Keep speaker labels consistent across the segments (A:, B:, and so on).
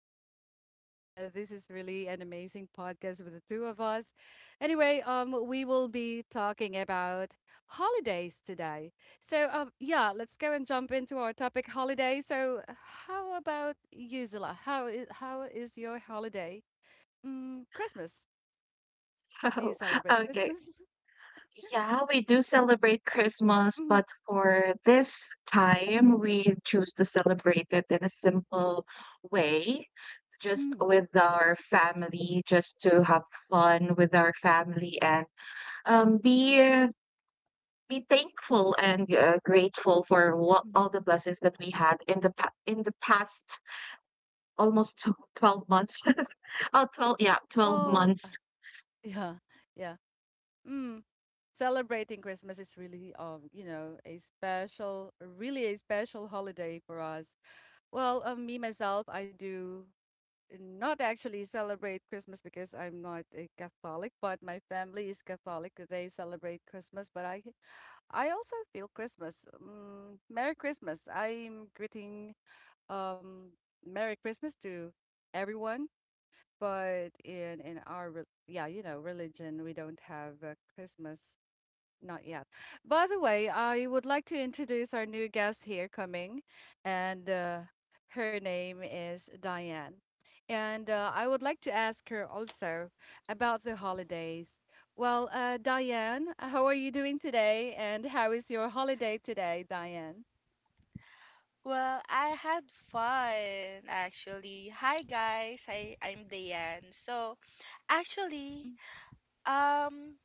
A: hello guys, and this is really an amazing podcast with the two of us. Anyway, we will be talking about holidays today. So, yeah, let's go and jump into our topic holiday. So, how about you, Zilla? How is your holiday? Mm, Christmas. Do you celebrate
B: Okay.
A: Christmas?
B: Yeah, we do celebrate Christmas,
A: Mm,
B: but for this time, we choose to celebrate it in a simple way, just
A: mm,
B: with our family, just to have fun with our family and um, be uh, be thankful and grateful for what all
A: mhm.
B: the blessings that we had in in the past almost tw 12 months. Oh, 12. Yeah, 12
A: Oh,
B: months.
A: yeah, yeah. Mm. Celebrating Christmas is really, a really a special holiday for us. Well, me myself, I do not actually celebrate Christmas because I'm not a Catholic, but my family is Catholic. They celebrate Christmas, but I also feel Christmas. Merry Christmas. Um, Merry Christmas to everyone but in our yeah, religion, we don't have Christmas not yet. By the way, I would like to introduce our new guest here coming, and her name is Diane. And I would like to ask her also about the holidays. Well, Diane, how are you doing today? And how is your holiday today, Diane?
C: Well, I had fun actually. Hi guys, I'm Dayan. So actually, um,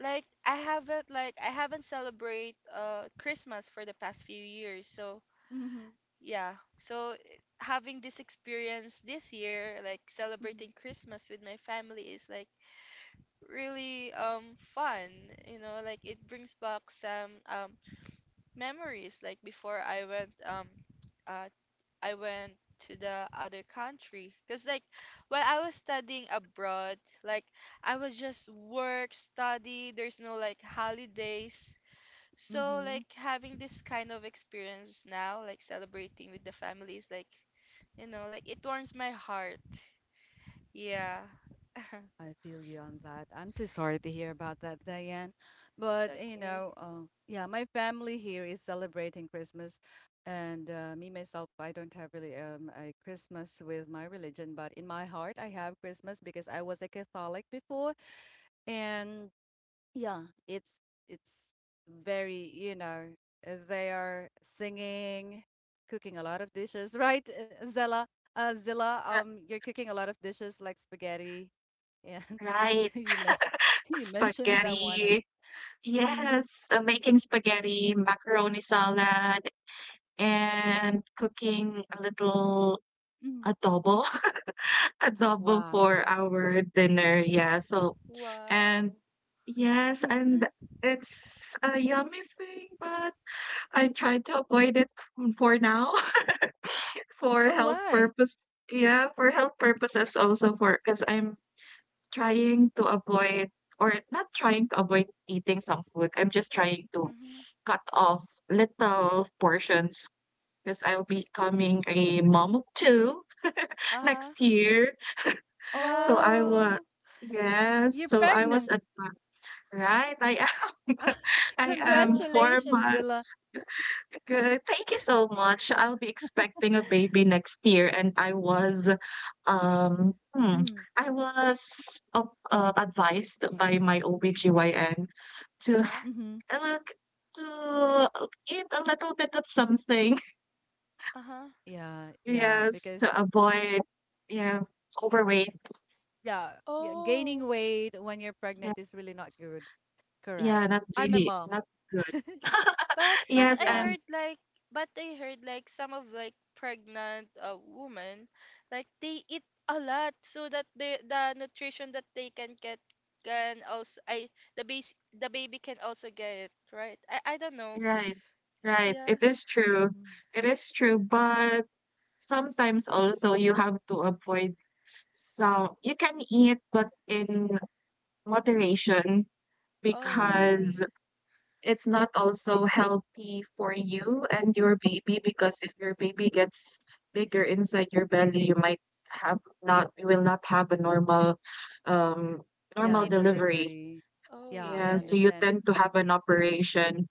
C: like I haven't celebrate Christmas for the past few years. So
A: Mm-hmm.
C: yeah, so having this experience this year, like celebrating Christmas with my family is like really fun. You know, like it brings back some memories. Like before uh I went to the other country because like while I was studying abroad, like I was just work, study, there's no like holidays. So
A: Mm-hmm.
C: like having this kind of experience now, like celebrating with the families, like you know, like it warms my heart. Yeah.
A: I feel you on that. I'm so sorry to hear about that, Diane.
C: It's
A: But
C: okay.
A: yeah, my family here is celebrating Christmas, and me myself, I don't have really a Christmas with my religion, but in my heart, I have Christmas because I was a Catholic before, and yeah, it's it's very they are singing, cooking a lot of dishes, right, Zella? Zilla,
B: Ri
A: you're cooking a lot of dishes like spaghetti. Yeah.
B: right.
A: you mes- you mentioned that one
B: Spaghetti.
A: mm,
B: Yes, making spaghetti, macaroni salad, and cooking a little
A: Mm.
B: adobo adobo
A: Wow.
B: for our dinner, yeah, so
C: Wow.
B: and yes, and it's a yummy thing, but I try to avoid it f for now. For
A: Oh,
B: health
A: why?
B: purpose yeah, for health purposes also for, because 'cause I'm trying to avoid or not trying to avoid eating some food, I'm just trying to
C: Mm-hmm.
B: cut off little portions, because 'cause I'll be becoming a
A: Mm.
B: mom of 2
C: Uh-huh.
B: next year. So I
A: Oh,
B: was,
C: Wow.
B: yes,
A: you're
B: so I was
A: pregnant.
B: advi right. I I am
C: Wow.
B: 4
A: Congratulations, Zilla.
B: months. Good. Thank you so much. I'll be expecting a baby next year, and um, hmm,
A: Mm.
B: I was advised by my OBGYN to
C: Yeah.
A: Hmm.
B: look to eat a little bit of something.
C: Uh-huh.
A: Yeah, yeah,
B: Yes,
A: because
B: to avoid, yeah, overweight.
A: yeah, yeah, gaining
C: Oh.
A: weight when you're pregnant
B: Yes,
A: is really not good. Correct.
B: yeah, not
A: I'm a
B: really,
A: mom.
B: not good.
C: But
B: Yes,
C: I
A: Yeah.
B: and
C: heard like but I heard like some of like pregnant women like they eat a lot so that the nutrition that they can get can also I the base the baby can also get it, right? I don't know.
B: right, right.
C: Yeah.
B: It is true.
A: Hmm.
B: It is true, but sometimes also you have to avoid some you can eat but in moderation
C: Oh,
A: Hmm.
B: because
C: okay.
B: it's not also healthy for you and your baby, because if your baby gets bigger inside your belly, you might have not, you will not have a um normal
A: Yeah,
C: Delivery.
B: delivery.
A: delivery. Yeah,
C: Oh,
A: I
B: Yeah, so
C: okay.
B: you
A: understand. It,
B: tend to have an operation,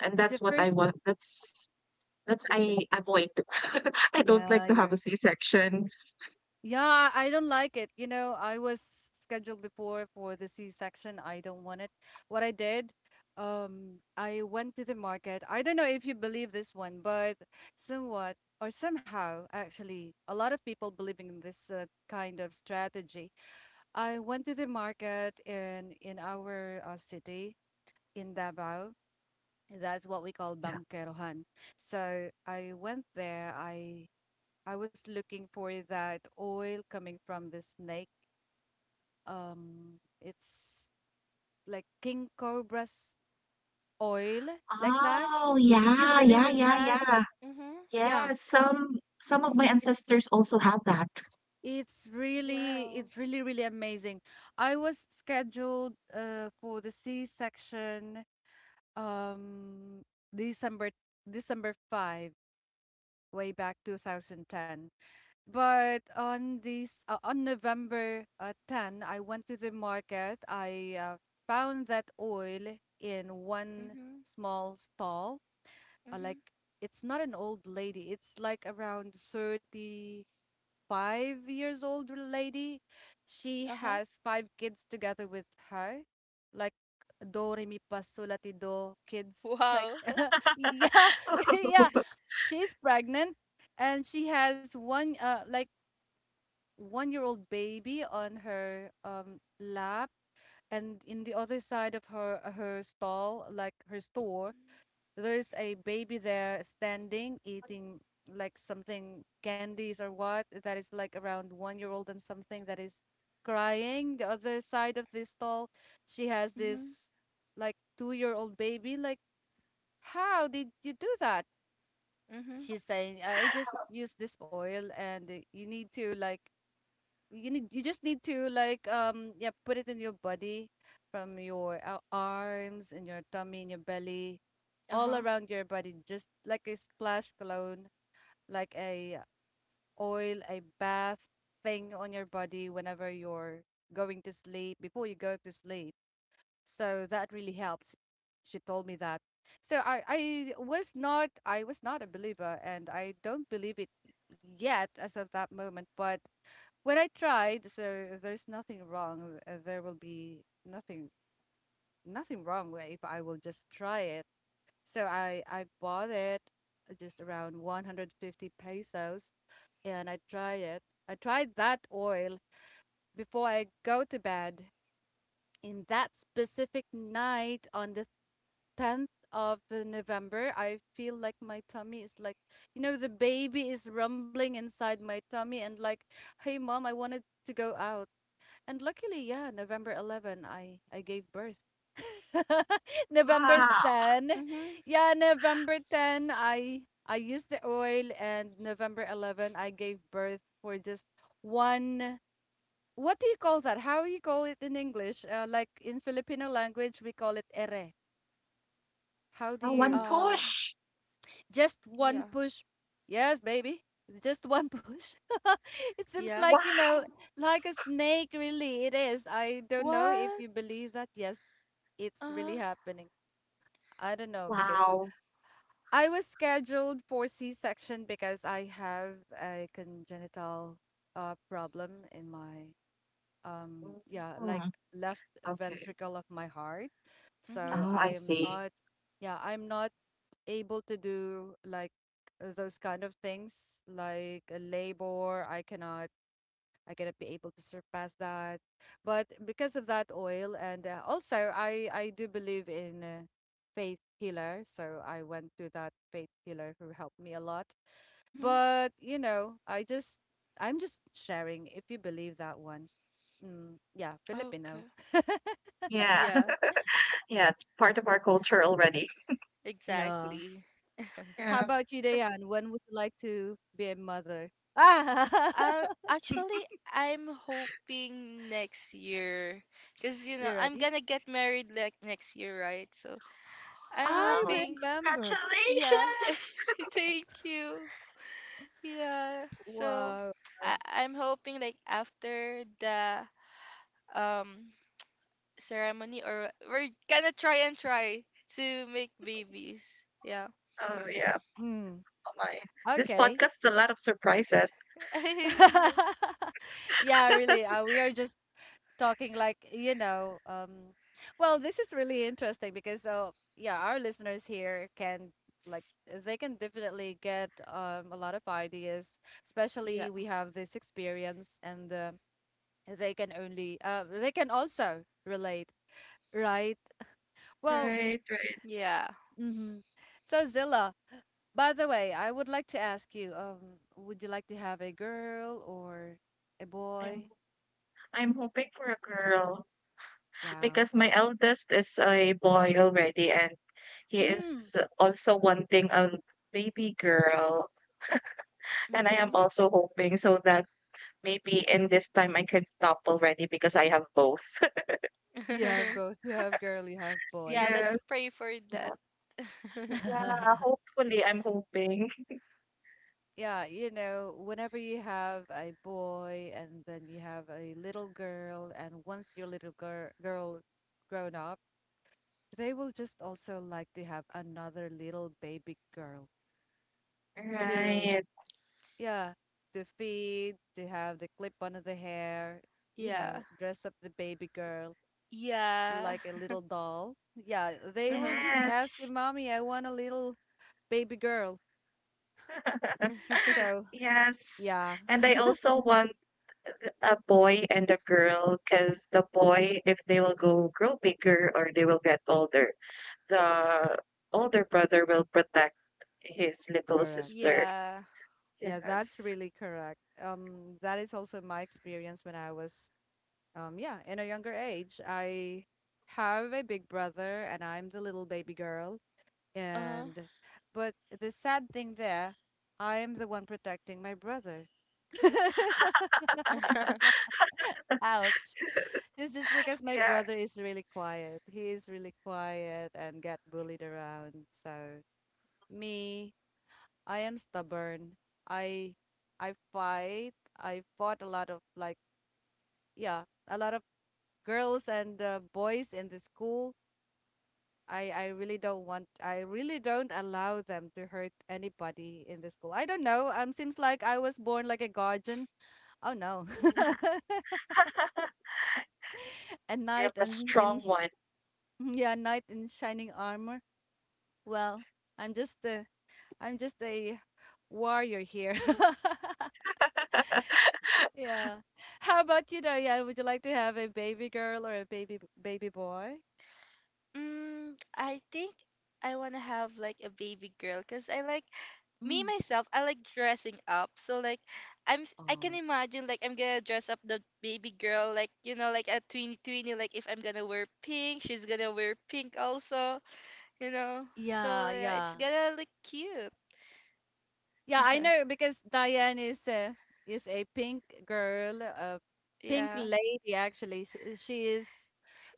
B: and
A: it's the
B: that's what I
A: first.
B: want. That's I avoid. I don't
A: Yeah,
B: like to
A: you're.
B: have a c-section.
A: Yeah, I don't like it. You know, I was scheduled before for the C-section. I don't want it. What I did, I went to the market. I don't know if you believe this one, but somewhat or somehow, actually, a lot of people believe in this kind of strategy. I went to the market in our city in Davao. That's what we call
B: Yeah.
A: Bangkerohan. So I went there. I was looking for that oil coming from the snake. It's like King Cobra's oil, like that.
B: Oh,
A: If you
B: yeah,
A: believe
B: yeah,
A: in
B: yeah,
A: that,
B: yeah.
C: Mhm.
B: Yeah,
A: yeah,
B: some of my
A: it's
B: ancestors also have that.
A: it's really
C: Wow.
A: it's really amazing. I was scheduled for the C-section um December December 5-way back 2010. But on this on November 10th, I went to the market. I found that oil in one
C: Mhm.
A: small stall.
C: Mhm.
A: Like it's not an old lady. It's like around 35 years old lady. She
C: Uh-huh.
A: has five kids together with her. Like do re mi fa sol la ti do kids. Like
C: Wow.
A: yeah, yeah. She's pregnant and she has one like 1 year old baby on her lap and in the other side of her stall like her store there's a baby there standing eating like something candies or what that is like around 1 year old and something that is crying the other side of this stall she has
C: Mhm.
A: this like 2 year old baby like how did you do that
C: Mhm.
A: she's saying I just use this oil and you need to like you just need to like yeah put it in your body from your arms and your tummy and your belly all
C: Uh-huh.
A: around your body just like a splash cologne like a oil a bath thing on your body whenever you're going to sleep before you go to sleep so that really helps she told me that so I was not a believer and I don't believe it yet as of that moment but when I tried, so there's nothing wrong. There will be nothing wrong with if I will just try it. So I bought it just around 150 pesos and I tried it. I tried that oil before I go to bed. In that specific night on the 10th of November, I feel like my tummy is like, you know, the baby is rumbling inside my tummy and like, hey mom, I wanted to go out. And luckily, yeah, November 11th, I gave birth. November
B: Wow.
A: 10.
C: Mhm.
A: Yeah, November 10th, I used the oil and November 11th I gave birth for just one. What do you call that? How you call it in English? Like in Filipino language, we call it ere. How do
B: Oh, one
A: you?
C: Um,
B: push.
A: Just one
C: yeah.
A: push. Yes, baby. Just one push. It seems
C: Yeah.
A: like,
B: Wow.
A: you know, like a snake, really, it is. I don't know if
C: What?
A: you believe that. Yes, it's really
C: Uh-huh.
A: happening. I don't know because
B: Wow.
A: I was scheduled for C-section because I have a congenital problem in my yeah like
B: Mm,
A: left
B: okay.
A: ventricle of my heart.
C: Mm-hmm.
A: So
B: Oh,
A: I
B: I
A: am
B: see.
A: not yeah I'm not able to do like those kind of things like a labor. I cannot I gotta be able to surpass that. But because of that oil, and also I do believe in faith healer, so I went to that faith healer who helped me a lot.
C: Mm-hmm.
A: But you know, I just I'm just sharing if you believe that one. Mm, yeah, Filipino.
C: Okay.
B: Yeah.
C: Yeah,
B: Yeah, part of our culture already.
A: Yeah.
C: exactly.
A: How
B: Yeah.
A: about you, Dayan? When would you like to be a mother? Ah,
C: Actually, I'm hoping next year, because you know
A: you
C: I'm
A: ready?
C: gonna get married like next year, right? So I'm
A: I
B: Wow,
C: hoping,
A: remember.
C: yeah.
B: congratulations!
C: Thank you. Yeah. So
A: Wow.
C: I'm hoping like after the um ceremony, or we're gonna try and try to make babies. Yeah.
B: Oh yeah,
A: Hmm.
B: oh my. This
A: Okay.
B: podcast is a lot of surprises.
C: Yeah.
A: Yeah, really. We are just talking like, you know, well, this is really interesting because, yeah, our listeners here can like they can definitely get a lot of ideas,
C: Yeah.
A: especially we have this experience and they can only they can also relate, right? Well,
B: Right, right.
C: Yeah.
A: mm-hmm. So Zilla, by the way, I would like to ask you, would you like to have a girl or a
B: I'm
A: boy?
B: I'm hoping for a girl
A: Wow.
B: because my
C: Wow.
B: eldest is a boy already, and he
A: Mm,
B: is also wanting a baby girl. And I am
C: Hmm.
B: also hoping so that maybe in this time I can stop already because I have both.
A: you have both. You have girl, you have boy.
C: Yeah,
B: Yes.
C: let's pray for
B: Yeah.
C: that.
B: Yeah, hopefully I'm hoping.
A: Yeah, you know, whenever you have a boy and then you have a little girl, and once your little girl grown up, they will just also like to have another little baby girl
C: Hmm.
A: to,
B: Right.
A: yeah, to feed, to have the clip under the hair, you know,
C: Yeah.
A: dress up the baby girl
C: Yeah.
A: like a little doll. Yeah, they will
C: Uh-huh.
A: just ask me,
B: Yes.
A: Mommy, I want a little baby girl. So
B: Yes.
A: yeah,
B: And I also want a boy and a girl because the boy, if they will go grow bigger or they will get older, the older brother will protect his little
A: correct.
B: sister.
C: Yeah.
A: Yeah, that's
B: Yes.
A: really correct. That is also my experience when I was, yeah, in a younger age. I have a big brother and I'm the little baby girl.
C: Uh-huh.
A: And, but the sad thing there, I'm the one protecting my brother. Ouch. It's just because my
B: Yeah.
A: brother is really quiet. He is really quiet and get bullied around. So me, I am stubborn. I I fight. I fought a lot of like yeah, a lot of girls and boys in the school. I really don't want. I really don't allow them to hurt anybody in the school. I don't know. Seems like I was born like a guardian. Oh no, a
B: You're
A: knight
B: the
A: and in
B: strong
A: sh-
B: one.
A: yeah, knight in shining armor. Well, I'm just a I'm just a warrior here. Yeah. How about you, Diane? Would you like to have a baby girl or a baby boy?
C: Mm, I think I want to have like a baby girl because I like me
A: Mm.
C: myself, I like dressing up. So like I can
A: Oh,
C: imagine like I'm gonna dress up the baby girl like you know like a tweeny tweeny like if I'm gonna wear pink, she's gonna wear pink also, you know. So
A: yeah,
C: yeah, it's
A: yeah,
C: gonna look cute.
A: yeah. I know because Diane is a pink girl, a pink
C: Yeah,
A: lady actually. She is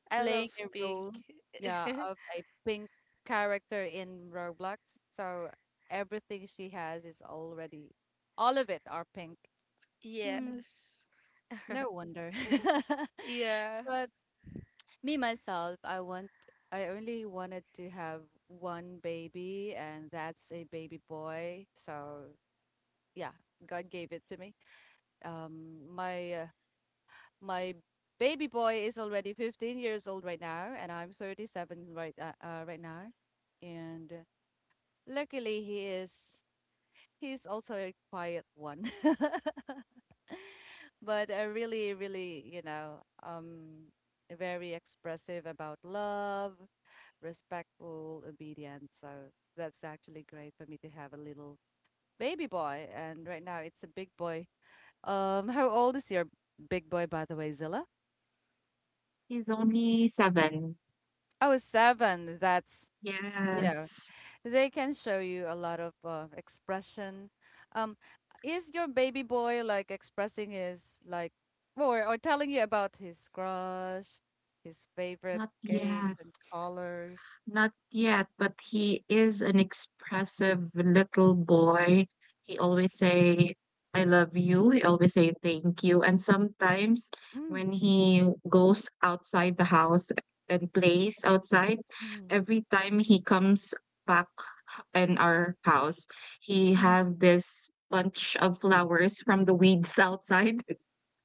C: I
A: playing
C: love
A: a
C: pink.
A: role, yeah, of a pink character in Roblox. So everything she has is already, all of it are pink. Mm.
C: Yes.
A: No wonder.
C: Yeah.
A: But. Me myself, I want I only wanted to have one baby and that's a baby boy. So, yeah, God gave it to me. Um my uh, my baby boy is already 15 years old right now and I'm 37 right right now. And luckily he's also a quiet one. But I really really, you know, very expressive about love respectful, obedient. So that's actually great for me to have a little baby boy. And right now it's a big boy. How old is your big boy, by the way, Zilla?
B: He's only seven.
A: Oh, seven. That's, you know,
B: Yes.
A: they can show you a lot of expression. Um, is your baby boy like expressing his like, or telling you about his crush, his favorite
B: Not
A: games
B: yet.
A: and colors?
B: Not yet, but he is an expressive little boy. He always say, "I love you." He always say, "Thank you." And sometimes,
A: Mm,
B: when he goes outside the house and plays outside,
A: mm,
B: every time he comes back in our house, he
A: mm,
B: have
A: mm.
B: this bunch of flowers from the weeds outside.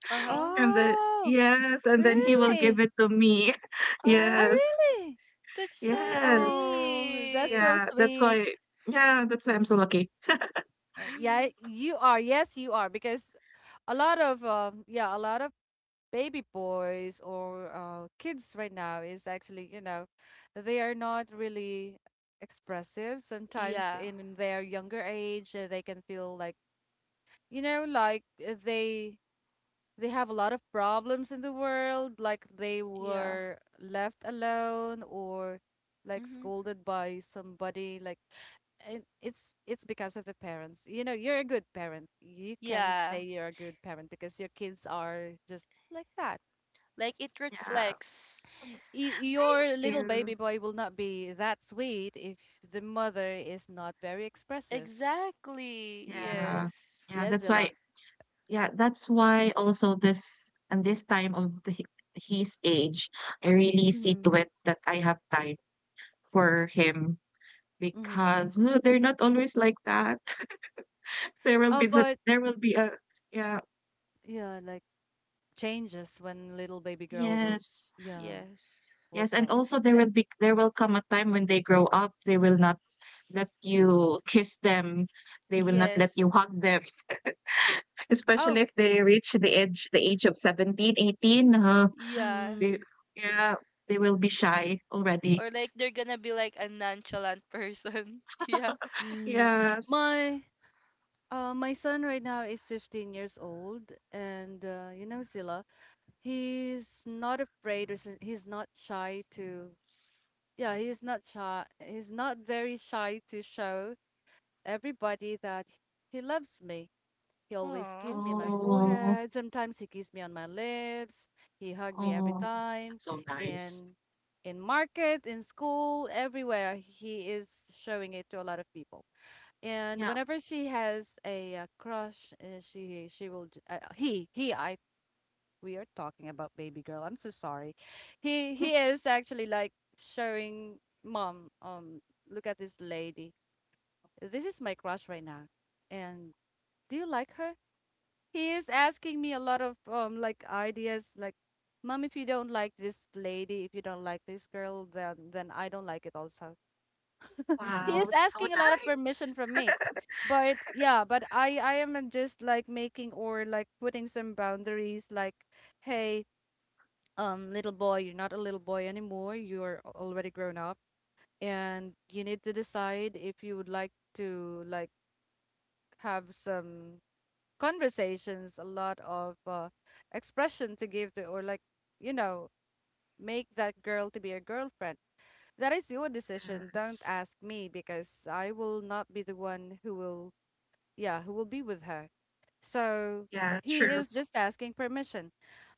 C: Uh-huh.
B: And the
A: Oh,
B: yes, and then he will give
A: really?
B: it to me.
A: Oh,
C: Ah,
B: Yes.
A: really?
C: that's so
B: Yes.
A: Oh, that's
C: sweet.
A: so
B: Yeah, that's
A: sweet.
B: why, yeah, that's why I'm so lucky.
A: Yeah,
C: Mm.
A: you are. Yes, you are. Because a lot of yeah, a lot of baby boys or kids right now is actually, you know, they are not really expressive. Sometimes
C: Yeah.
A: in their younger age, they can feel like, you know, they have a lot of problems in the world, like they
C: Yeah.
A: were left alone or like
C: Hmm.
A: scolded by somebody, like it's because of the parents. You know, you're a good parent. You can
C: Yeah.
A: say you're a good parent because your kids are just like that.
C: Like it
B: Yeah.
C: reflects.
A: Y
B: Thank
A: your little
B: you.
A: baby boy will not be that sweet if the mother is not very expressive.
C: Exactly.
B: Yeah.
C: Yes.
B: Yeah,
A: Yes,
B: that's why,
A: Zilla.
B: yeah, that's why also this and this time of the his age, I really see
A: Mm-hmm.
B: to it that I have time for him
A: Mm-hmm.
B: because, they're not always like that. There will
A: Oh,
B: be the
A: but
B: there will be a yeah.
A: yeah, like changes when little baby girl will,
B: Yes.
A: yeah,
C: Yes.
A: will
B: Yes, and
A: come.
B: also
A: But
B: there
A: it,
B: will be there will come a time when they grow up, they will not let you kiss them, they will not let
C: Yes.
B: you hug them. Especially
A: oh,
B: if they reach the age of 17, 18. 18,
C: Yeah.
B: they,
A: mm,
B: yeah, they will be shy already.
C: Or like they're gonna be like a nonchalant person. Yeah.
A: mm,
B: Yes.
A: my. My son right now is 15 years old, and you know, Zilla, he's not afraid. He's not shy to. Yeah, he's not shy. He's not very shy to show everybody that he loves me. He always kisses
C: Oh.
A: me on my
B: Oh,
A: forehead. Sometimes he kisses me on my lips. He hugged me every
B: oh,
A: time.
B: that's so nice.
A: In in market, in school, everywhere, he is showing it to a lot of people. And
B: Yeah.
A: whenever she has a, crush, she will j- he I we are talking about baby girl. I'm so sorry. He
B: Mm,
A: he is actually like showing mom, look at this lady. This is my crush right now. And do you like her? He is asking me a lot of like ideas like mom, if you don't like this lady, if you don't like this girl, then I don't like it also. He
B: wow,
C: Mm-hmm.
A: is
B: that's so
A: asking a lot of permission
B: nice.
A: from me. But yeah, but I am just like making or like putting some boundaries like, hey, little boy, you're not a little boy anymore. You're already grown up, and you need to decide if you would like to like have some conversations, a lot of expression to give to, or like, you know, make that girl to be a girlfriend. That is your decision. Don't
B: Yes.
A: ask me because I will not be the one who will, yeah, who will be with her. So
B: Yeah,
A: he
B: true.
A: is just asking permission.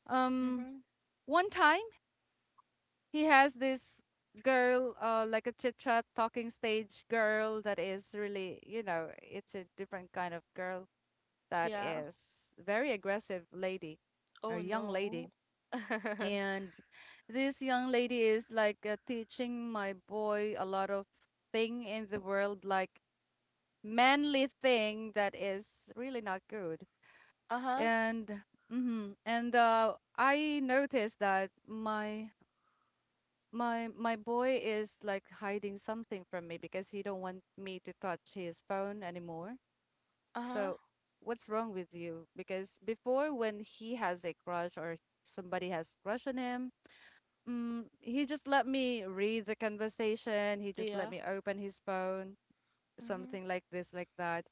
A: Um,
C: Mm-hmm.
A: One time. He has this girl, like a chit chat talking stage girl that is really, you know, it's a different kind of girl that
C: Yeah.
A: is very aggressive lady or
C: Oh
A: young lady.
C: no.
A: And this young lady is like teaching my boy a lot of thing in the world, like manly thing that is really not good.
C: Uh-huh.
A: And mm-hmm, and I noticed that my boy is like hiding something from me because he don't want me to touch his phone anymore.
C: Uh-huh.
A: So what's wrong with you? Because before when he has a crush or somebody has crush on him, mm, he just let me read the conversation, he just let
C: Yeah.
A: me open his phone,
C: Mm-hmm.
A: something like this, like that.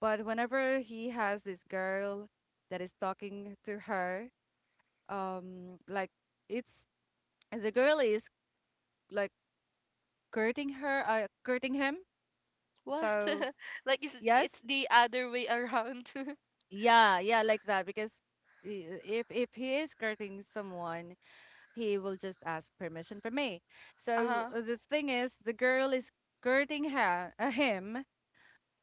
A: But whenever he has this girl that is talking to her, like it's the girl is like courting her, courting him.
C: What?
A: So
C: Like it's
A: yes,
C: the other way around.
A: yeah, like that. Because if he is courting someone, he will just ask permission from me. So
C: Uh-huh.
A: the thing is, the girl is courting her, him.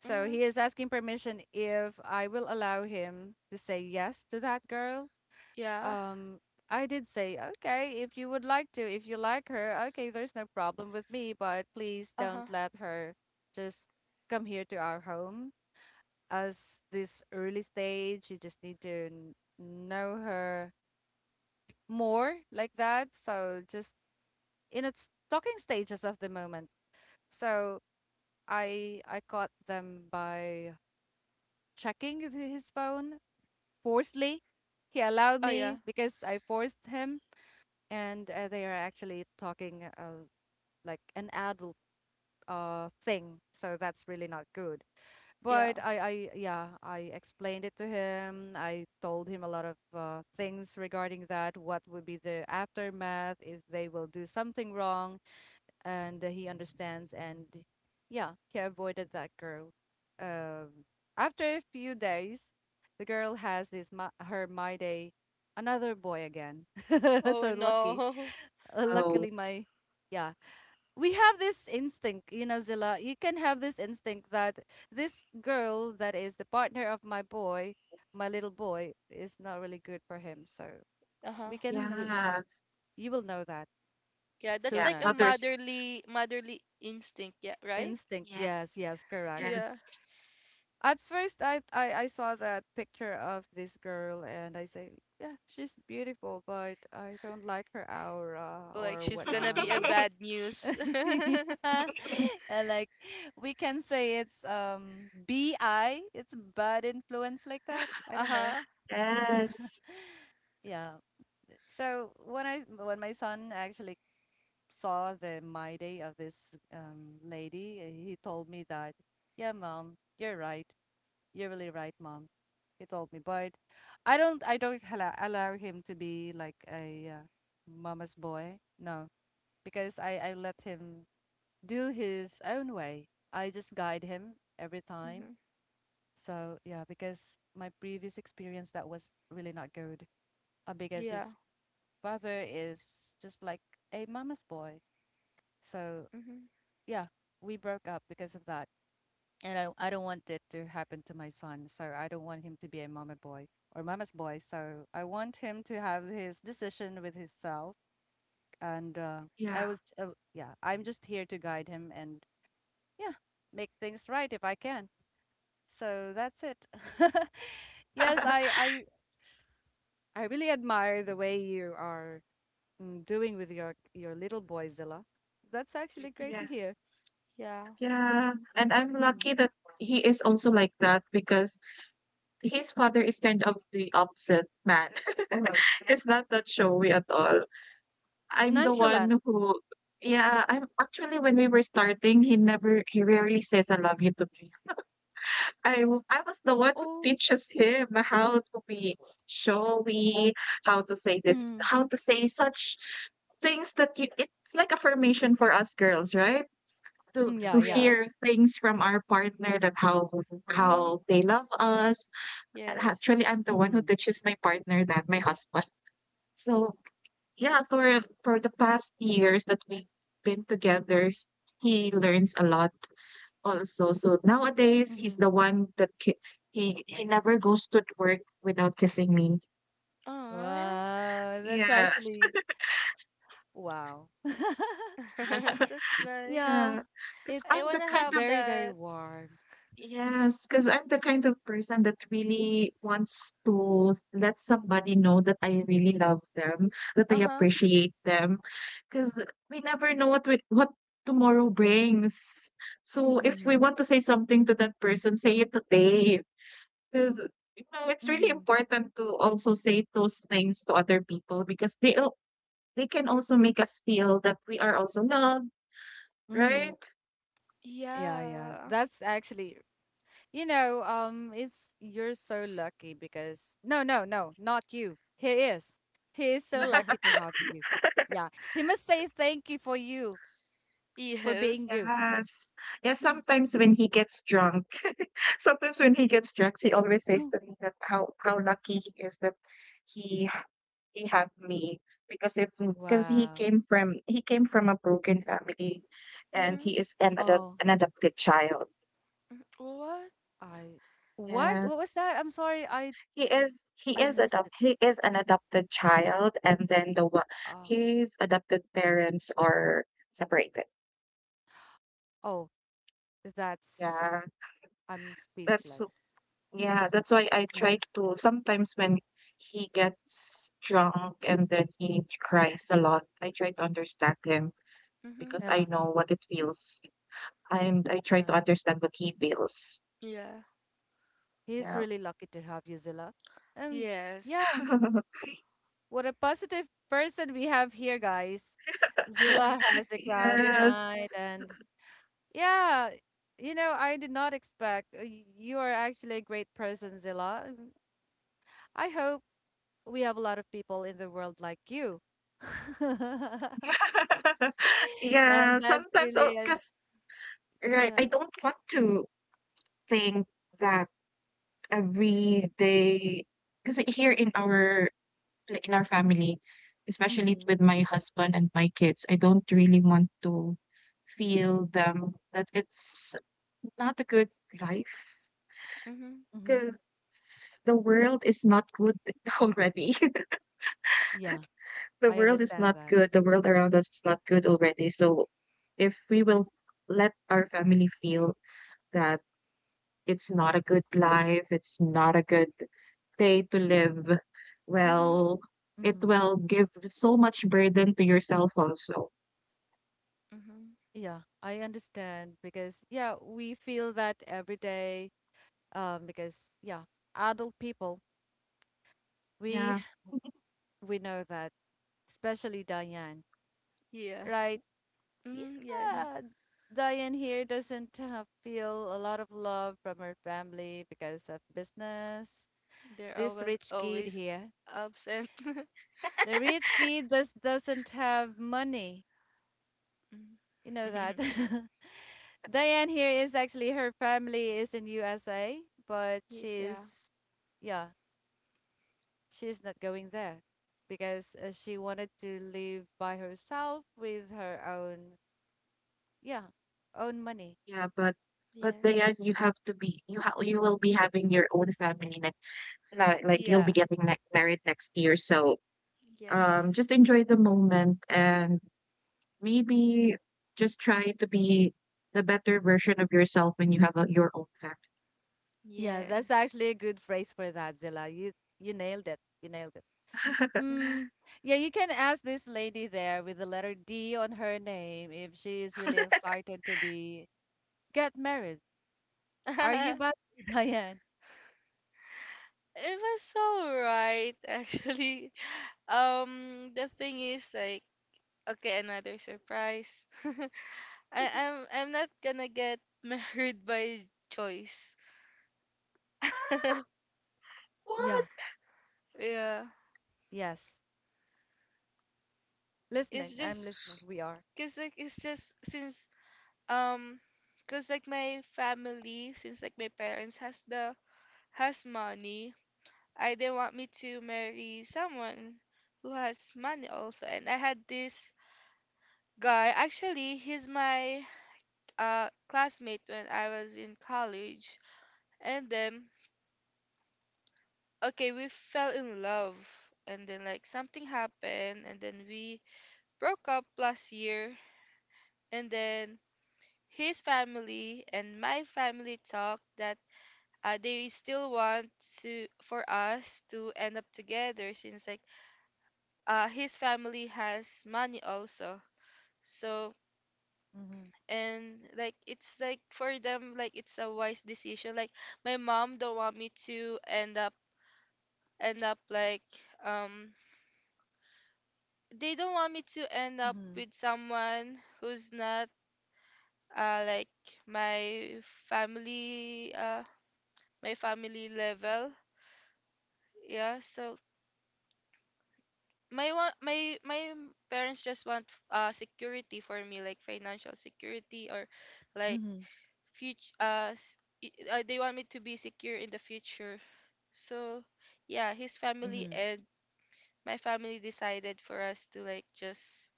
A: So
C: Mm-hmm.
A: he is asking permission if I will allow him to say yes to that girl.
C: Yeah.
A: Um, I did say, okay, if you would like to, if you like her, okay, there's no problem with me, but please
C: Uh-huh.
A: don't let her just come here to our home as this early stage. You just need to know her more like that. So just in its talking stages of the moment. So I caught them by checking his phone forcefully. He allowed
C: Oh
A: me
C: yeah.
A: because I forced him, and they are actually talking like an adult thing. So that's really not good. But
C: Yeah.
A: yeah, I explained it to him. I told him a lot of things regarding that, what would be the aftermath if they will do something wrong, and he understands. And yeah, he avoided that girl. Um, After a few days, the girl has this my, her my day, another boy again.
C: Oh
A: So lucky,
C: no.
B: Oh,
A: luckily my, yeah, we have this instinct, you know, Zilla, you can have this instinct that this girl that is the partner of my boy, my little boy, is not really good for him. So
C: Uh-huh.
A: we can,
B: yeah,
A: you will know that
C: Yeah, that's
B: yeah.
C: like a
A: sooner.
B: Mothers.
C: motherly motherly instinct, yeah, right?
A: Instinct, yes,
B: Yes.
A: yes, correct.
C: Yeah.
B: Yes.
A: At first, I saw that picture of this girl and I say, yeah, she's beautiful, but I don't like her aura
C: Like
A: or
C: she's gonna be a
A: whatnot.
C: bad news.
A: Like we can say it's BI, it's bad influence like that. I don't know.
C: Uh-huh.
B: Yes.
A: Yeah. So when my son actually saw the my day of this lady, he told me that, yeah, mom, you're right. You're really right, mom. He told me, but I don't allow him to be like a mama's boy. No, because I let him do his own way. I just guide him every
C: Mm-hmm.
A: time. So yeah, because my previous experience that was really not good. Because
C: Yeah.
A: his father is just like a mama's boy. So
C: Mm-hmm.
A: yeah, we broke up because of that. And I don't want it to happen to my son. So I don't want him to be a mama boy or mama's boy. So I want him to have his decision with himself. And I
B: Yeah.
A: was, yeah, I'm just here to guide him and yeah, make things right if I can. So that's it. Yes, I really admire the way you are mm, doing with your little boy Zilla. That's actually great to
B: Yes.
A: hear.
C: Yeah.
B: Yeah. And I'm
A: Mm.
B: lucky that he is also like that because his father is kind of the opposite man. It's not that showy at all. I'm the
A: Nonchalant.
B: one who, yeah, I'm actually, when we were starting, he never, he rarely says I love you to me. I was the one who
A: Oh,
B: teaches him how to be showy, how to say this,
A: mm,
B: how to say such things that you, it's like affirmation for us girls, right? To
A: mm, yeah,
B: to
A: yeah.
C: Yeah.
B: hear things from our partner, that how
C: Mm-hmm.
B: how they love us. And
C: Yes.
B: actually, I'm the one who
A: Hmm.
B: teaches my partner that, my husband. So yeah, for the past years that we've been together, he learns a lot also. So
C: Mm-hmm.
B: nowadays, he's the
A: Hmm.
B: one that he never goes to work without kissing me.
C: Aw.
A: Wow, that's
B: Yes.
A: actually wow.
C: That's nice.
A: Yeah,
B: Yeah, because
C: I
B: I'm the
C: wanna
B: kind
A: it's
C: have
B: of
A: very
C: that.
A: warm.
B: yes, because I'm the kind of
C: Hmm.
B: person that really wants to let somebody know that I really love them, that I
C: Uh-huh.
B: appreciate them, because we never know what tomorrow brings. So if we
A: Mm-hmm.
B: want to say something to that person, say it today. 'Cause, it's really
A: Mm-hmm.
B: important to also say those things to other people, because they can also make us feel that we are also loved,
A: Mm-hmm.
B: right?
A: Yeah, yeah.
C: Yeah.
A: That's actually you know, it's you're so lucky because no, no, no, not you. He is. He is so lucky to have you. Yeah, he must say thank you for you for being
C: Yes.
A: you.
B: Yes. Yeah, sometimes when he gets drunk sometimes when he gets drunk, he always says to me that how lucky he is that he he have me, because if because he
A: Wow.
B: came from he came from a broken family, and
C: Mm-hmm.
B: he is an adop
A: Oh,
B: an adopted child.
C: What?
A: I what? What was that? I'm
B: Yes.
A: sorry,
B: He is he
A: I
B: is
A: missed it.
B: adopt he is an adopted child, and then the one
A: Oh,
B: his adopted parents are separated.
A: oh, that's
B: Yeah,
A: I'm
B: that's so-
A: speechless.
B: yeah, that's why I
A: Yeah,
B: try to, sometimes when he gets drunk and then he cries a lot, I try to understand him,
C: Mm-hmm.
B: because I
A: yeah,
B: know what it feels, and I try to
A: yeah.
B: understand what he feels.
C: Yeah.
A: He's
B: Yeah.
A: really lucky to have you, Zilla. And yeah.
C: Yes.
A: What a positive person we have here, guys. Zilla
C: Mm-hmm.
A: has the crown
C: Yes.
B: Yes.
A: tonight, and yeah, you know, I did not expect. You are actually a great person, Zilla. Mm, I hope we have a lot of people in the world like you. And
B: Yeah,
A: that's
B: sometimes, oh,
A: really,
B: because, right, I
A: yeah.
B: don't want to think that every day, because here in our like, in our family, especially
A: Mm-hmm.
B: with my husband and my kids, I don't really want to feel them that it's not a good life,
C: Mm-hmm.
A: Mm-hmm.
B: because the world is not good already.
A: Yeah,
B: The
A: I
B: world is
A: understand
B: not
A: that.
B: good. The world around us is not good already. So if we will let our family feel that it's not a good life, it's not a good day to live,
C: Mm-hmm.
B: well, it
A: Mm-hmm.
B: will give so much burden to yourself also.
C: Mm-hmm.
A: Yeah, I understand because, yeah, we feel that every day. Because, yeah, adult people. We
B: Yeah,
A: We know that, especially Diane,
C: Yeah.
A: right?
C: Mm, yes.
A: Yeah, Diane here doesn't feel a lot of love from her family because of business.
C: They're
A: This
C: always
A: rich kid
C: always
A: here,
C: absent.
A: the rich kid just doesn't have money.
C: Mm.
A: You know that. Diane here is actually her family is in USA, but
C: Ye- Yeah.
A: she's, yeah, she's not going there because she wanted to live by herself with her own, yeah, own money.
B: yeah, but then
C: Yes.
B: you will be having your own family next, like you'll be
C: Yeah.
B: getting like married next year. So
C: Yes.
B: just enjoy the moment and maybe just try to be the better version of yourself when you have your own family.
A: Yeah, that's
C: Yes.
A: actually a good phrase for that, Zilla. You nailed it. You nailed it.
C: Mm-hmm.
A: Mm. Yeah, you can ask this lady there with the letter D on her name if she is really excited to be get married. Are you but Diane?
C: It was all right, actually. The thing is like okay, another surprise. I'm not gonna get married by choice.
A: Yeah.
B: What?
C: Yeah,
A: Yes. Listening.
C: it's
A: I'm
C: just
A: listening. We are.
C: cause like it's just since um cause like my family since like my parents has the has money. I didn't want me to marry someone who has money also, and I had this guy. Actually, he's my classmate when I was in college, and then okay, we fell in love and then like something happened and then we broke up last year and then his family and my family talked that they still want to for us to end up together since like his family has money also. So
A: Mhm.
C: and like it's like for them like it's a wise decision. Like my mom don't want me to end up like um they don't want me to end up
A: Mhm.
C: with someone who's not like my family uh my family level yeah so my one my my parents just want security for me like financial security or like
A: Mhm.
C: future they want me to be secure in the future so yeah his family
A: Mhm.
C: and my family decided for us to like just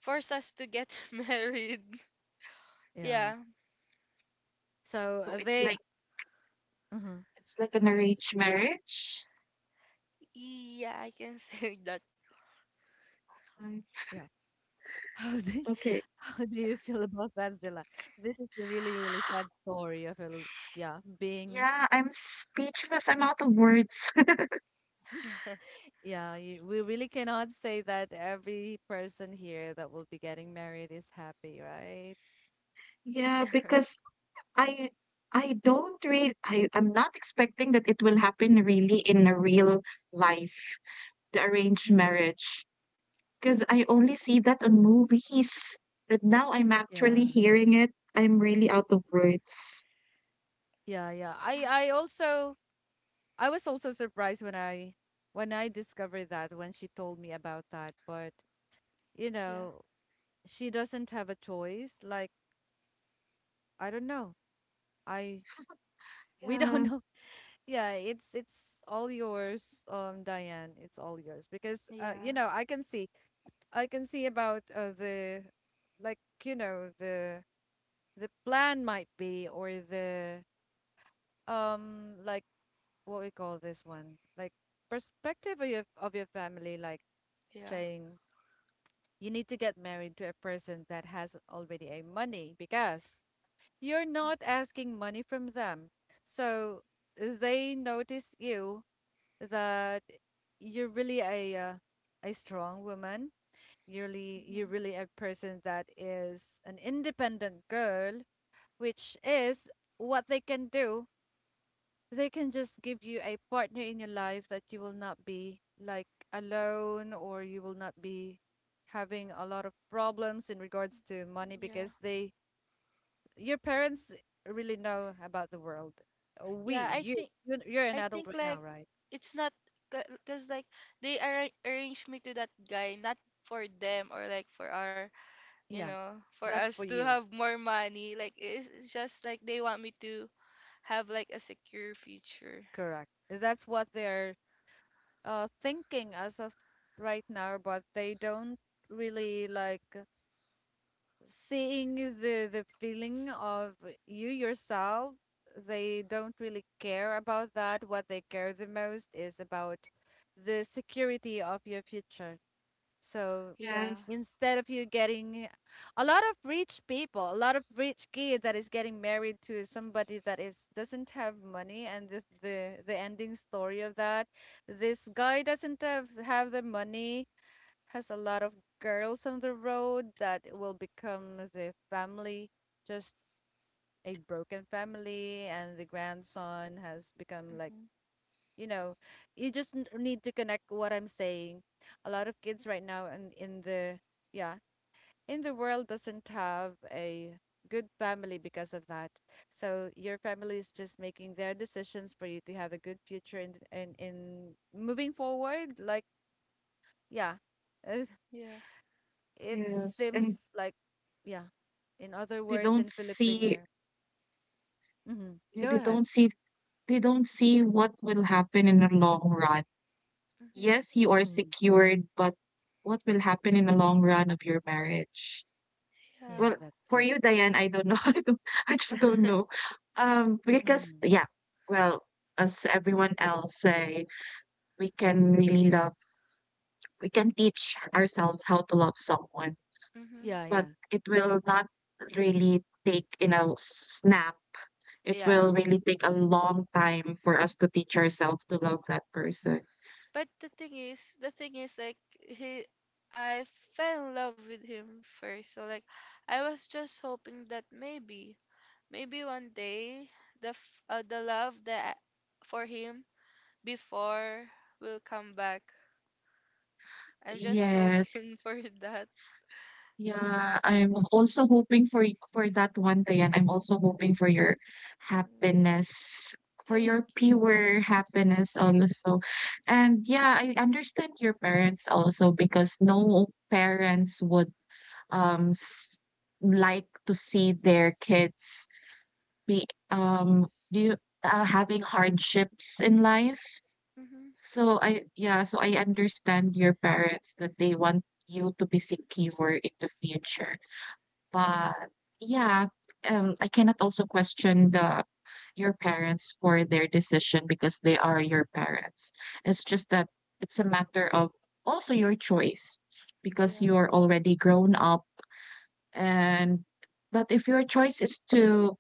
C: force us to get married
A: Yeah.
C: yeah.
A: So
B: So it's
A: they.
B: like
A: Mhm.
B: it's like an arranged marriage.
C: Yeah, I can say that.
B: Mm,
A: Yeah. How do
B: okay.
A: how do you feel about that, Zilla? This is a really really sad story of a yeah being
B: Yeah, I'm speechless. I'm out of words.
A: yeah, you, we really cannot say that every person here that will be getting married is happy, right?
B: Yeah, because I I don't really, I'm not expecting that it will happen really in a real life, the arranged
A: Mm.
B: marriage. Because I only see that on movies. But now I'm
A: Yeah,
B: actually hearing it. I'm really out of words.
A: yeah, yeah.
C: Mm,
A: I was also surprised when I discovered that when she told me about that, but you
C: yeah,
A: know, she doesn't have a choice. Like, I don't know. I we don't
B: Yeah,
A: know. Yeah, it's all yours, Diane. It's all yours because you
C: yeah,
A: know, I can see about the like you know the plan might be or the like what we call this one like perspective of your family like
C: yeah,
A: saying you need to get married to a person that has already a money because you're not asking money from them so they notice you that you're really a strong woman. You're you
C: hmm,
A: really a person that is an independent girl, which is what they can do. They can just give you a partner in your life that you will not be like alone or you will not be having a lot of problems in regards to money
C: yeah,
A: because they your parents really know about the world. We,
C: yeah.
A: you, you're an
C: I
A: adult
C: think
A: right now,
C: like
A: right?
C: it's not because like they arra arranged me to that guy not for them or like for our you
A: Yeah,
C: know for
A: that's for
C: us to
A: you.
C: have more money. Like it's just like they want me to have like a secure future.
A: Correct. That's what they're thinking as of right now, but they don't really like seeing the feeling of you yourself. They don't really care about that. What they care the most is about the security of your future. So
C: Yeah.
B: yes,
A: instead of you getting a lot of rich people, a lot of rich kids that is getting married to somebody that is doesn't have money, and the ending story of that, this guy doesn't have the money, has a lot of girls on the road that will become the family, just a broken family, and the grandson has become like
C: Mm-hmm.
A: you know you just need to connect what I'm saying. A lot of kids right now in the, yeah, in the world doesn't have a good family because of that. So your family is just making their decisions for you to have a good future, and in moving forward, like, yeah, uh,
C: Yeah.
A: it
B: yes. And
A: seems like, yeah, in other
B: they
A: words, in
B: don't see.
A: Filipino. Hmm.
B: Yeah.
A: Go
B: they
A: ahead.
B: don't see they don't see what will happen in the long run.
C: Mm-hmm.
B: Yes, you are
A: Mm.
B: secured, but what will happen in the long run of your marriage?
A: Yeah,
C: Yeah.
B: Well,
A: that's
B: for
A: just.
B: you, Diane, I don't know. I don't, I just don't know. Because
A: Mm.
B: yeah, well, as everyone else say, we can really love, we can teach ourselves how to love someone,
C: Mm-hmm.
A: Yeah,
B: but
A: yeah.
B: it will not really take, snap. It
C: Yeah.
B: will really take a long time for us to teach ourselves to love that person.
C: But the thing is like he I fell in love with him first. So like I was just hoping that maybe maybe one day the love that for him before will come back. I'm just hoping
B: Yes.
C: for that.
B: Yeah, I'm also hoping for that one, Tian. I'm also hoping for your
C: Mm,
B: happiness, for your
C: thank you.
B: pure happiness also. And yeah, I understand your parents also, because no parents would um s- like to see their kids be do you, having hardships in life.
C: Mm-hmm.
B: So I yeah, so I understand your parents, that they want you to be secure in the future. But yeah, I cannot also question the your parents for their decision, because they are your parents. It's just that it's a matter of also your choice, because
C: Yeah.
B: you're already grown up, and but if your choice is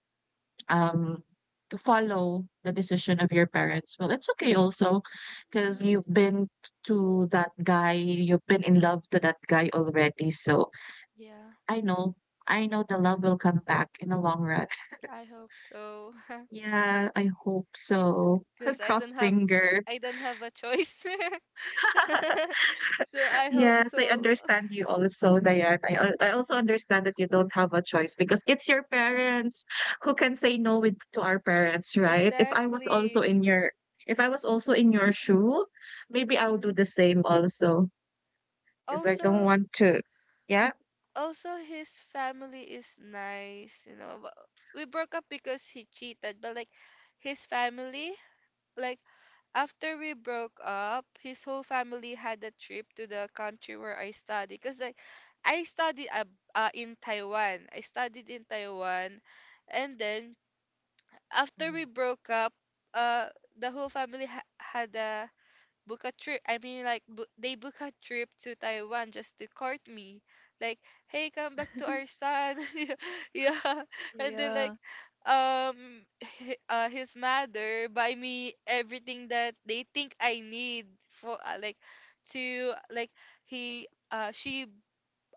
B: um to follow the decision of your parents, well, it's okay also, because
C: Mm-hmm.
B: you've been to that guy, you've been in love to that guy already. So
C: Yeah.
B: I know, I know the love will come back in the long run.
C: I hope so.
B: Yeah, I hope so.
C: Because
B: Cross finger.
C: I don't have a choice. So I hope
B: Yes, I
C: so.
B: understand you also, Diane. I also understand that you don't have a choice, because it's your parents, who can say no with to our parents, right? If I was also
C: Exactly.
B: in your if I was also in your shoe, maybe I'll do
C: Hmm.
B: the same also, because I don't
C: Also,
B: want to. Yeah.
C: also his family is nice, you know. But we broke up because he cheated, but like his family, like after we broke up, his whole family had a trip to the country where I study. Cause like I studied in Taiwan. I studied in Taiwan, and then after we
A: Mm.
C: broke up, uh, the whole family ha had a book a trip. I mean, like, bo they book a trip to Taiwan just to court me. Like, hey, come back to our son. Yeah. Yeah. And then, like,
A: Yeah.
C: um, his mother buy me everything that they think I need for, like, to, he, uh, she,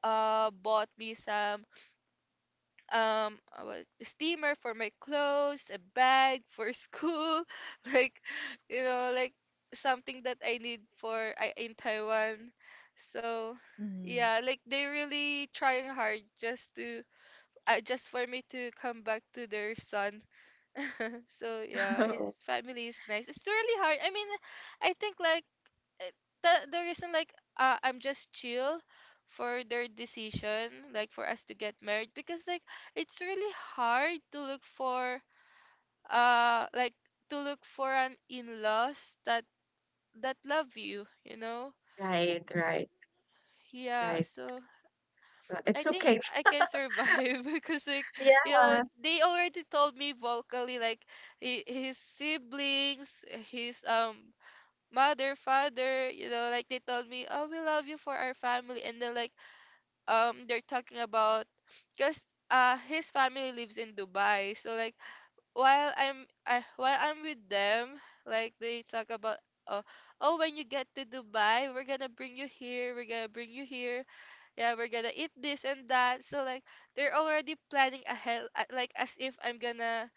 C: bought me some steamer for my clothes, a bag for school, like you know, like something that I need for I in Taiwan. So
A: Mm-hmm.
C: yeah, like they really trying hard just to just for me to come back to their son. So yeah, his family is nice. It's really hard. I mean, I think like eh, the reason like I'm just chill for their decision like for us to get married because like it's really hard to look for like to look for an in-laws that that love you you know
B: Right, right,
C: yeah
B: right.
C: so I
B: It's
C: think
B: okay.
C: I can survive because like
B: Yeah.
C: you know they already told me vocally like his siblings his mother father you know like they told me oh we love you for our family and then like they're talking about because his family lives in Dubai so like while I'm with them like they talk about oh oh when you get to Dubai we're gonna bring you here we're gonna bring you here yeah we're gonna eat this and that so like they're already planning ahead like as if I'm gonna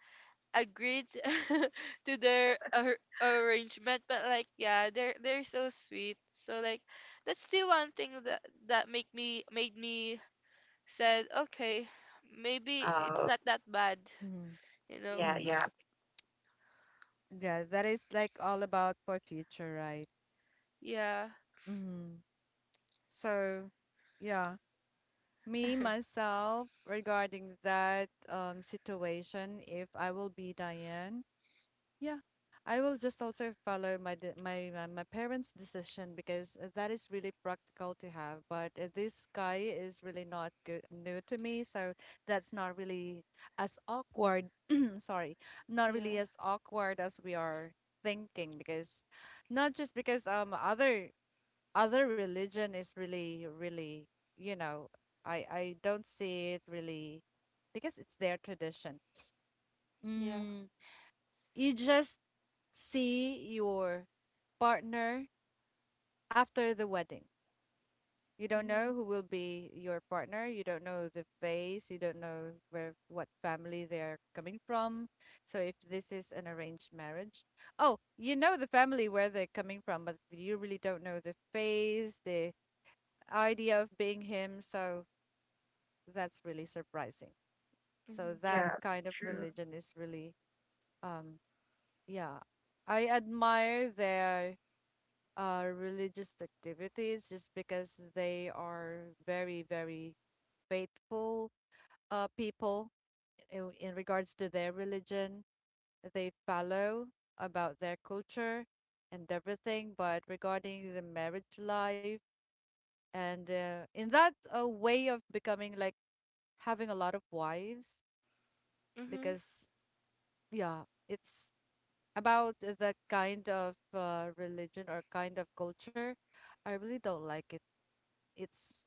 C: agree t- to their arrangement but like yeah they're so sweet so like that's the one thing that that make me made me said, okay, maybe it's
B: Oh,
C: not that bad,
A: Mm-hmm.
C: you know?
B: yeah,
A: Mm-hmm.
B: yeah,
A: Yeah, that is like all about for future, right?
C: Yeah,
A: Mm-hmm. So, yeah, me myself regarding that situation, if I will be Diane, yeah, I will just also follow my my my parents' decision because that is really practical to have. But this guy is really not good, new to me, so that's not really as awkward. Sorry, not really
C: yeah,
A: as awkward as we are thinking because not just because other religion is really really, you know I don't see it really because it's their tradition.
C: yeah.
A: Mm, you just see your partner after the wedding. You don't
C: Mm-hmm,
A: know who will be your partner. You don't know the face. You don't know where what family they're coming from. So if this is an arranged marriage, oh, you know the family where they're coming from, but you really don't know the face, the idea of being him. So that's really surprising.
C: mm-hmm,
A: So that
B: yeah.
A: kind of
B: True.
A: religion is really, um, yeah, I admire their religious activities just because they are very, very faithful people in regards to their religion. They follow about their culture and everything, but regarding the marriage life and in that way of becoming like having a lot of wives,
C: mm-hmm,
A: because yeah, it's about the kind of religion or kind of culture. I really don't like it. It's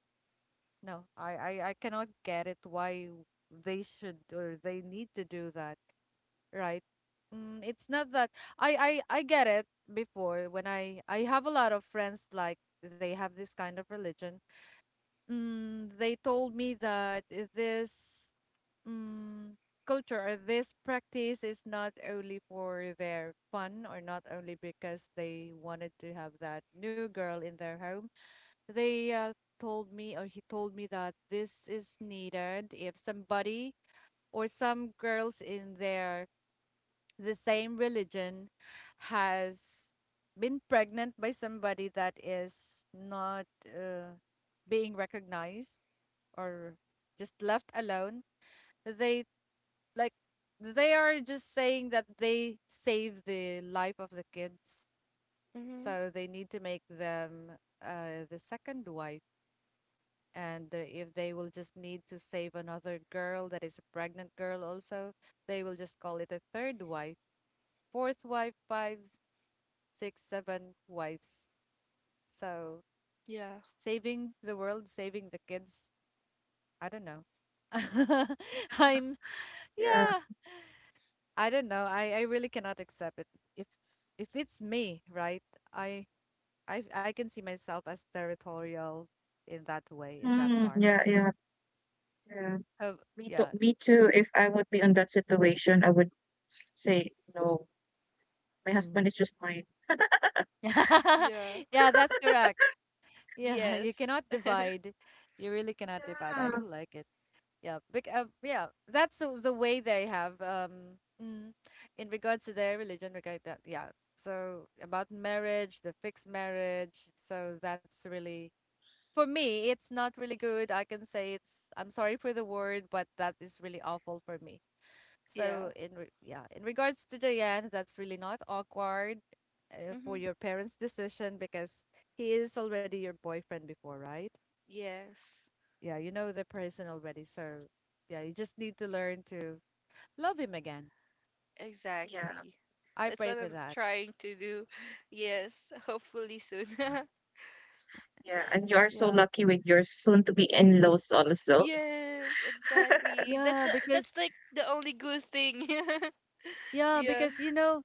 A: No, I cannot get it why they should or they need to do that, right? Mm, it's not that I get it before when I have a lot of friends like they have this kind of religion. Mm, they told me that this, mm, culture or this practice is not only for their fun or not only because they wanted to have that new girl in their home. They told me, or he told me, that this is needed if somebody or some girls in the same religion has been pregnant by somebody that is not uh, being recognized or just left alone. They, like, they are just saying that they save the life of the kids,
C: mm-hmm.
A: so they need to make them the second wife, and if they will just need to save another girl that is a pregnant girl also, they will just call it a third wife, fourth wife, five, six, seven wives. So,
C: Yeah,
A: saving the world, saving the kids, I don't know. I'm
B: Yeah.
A: Yeah, I don't know. I really cannot accept it. If, it's me, right? I i i can see myself as territorial in that way, in that
B: Hmm.
A: part.
B: Yeah, yeah, yeah.
A: Have,
B: Me too,
A: yeah.
B: me too. If I would be in that situation, I would say, "No, my husband
A: Mm.
B: is just mine."
C: yeah,
A: Yeah, that's correct. Yeah, you cannot
C: yes,
A: divide. You really cannot divide. I
B: Yeah,
A: don't like it. Yeah, bec yeah, that's the way they have, in regards to their religion, regard that. Yeah. So about marriage, the fixed marriage. So that's really, for me, it's not really good. I can say I'm sorry for the word, but that is really awful for me.
C: yeah,
A: So, yeah, in regards to Jayan, that's really not awkward
C: mm-hmm,
A: for your parents' decision because he is already your boyfriend before, right?
C: yes,
A: Yeah, you know the person already. So yeah, you just need to learn to love him again.
B: yeah,
C: exactly.
A: I
C: That's
A: pray
C: what
A: for
C: I'm
A: that.
C: trying to do. Yes, hopefully soon.
B: yeah, and you are so
A: Yeah.
B: lucky with your soon to be in-laws also.
C: Yes, exactly.
A: Yeah, because
C: That's like the only good thing.
A: yeah,
C: Yeah.
A: because,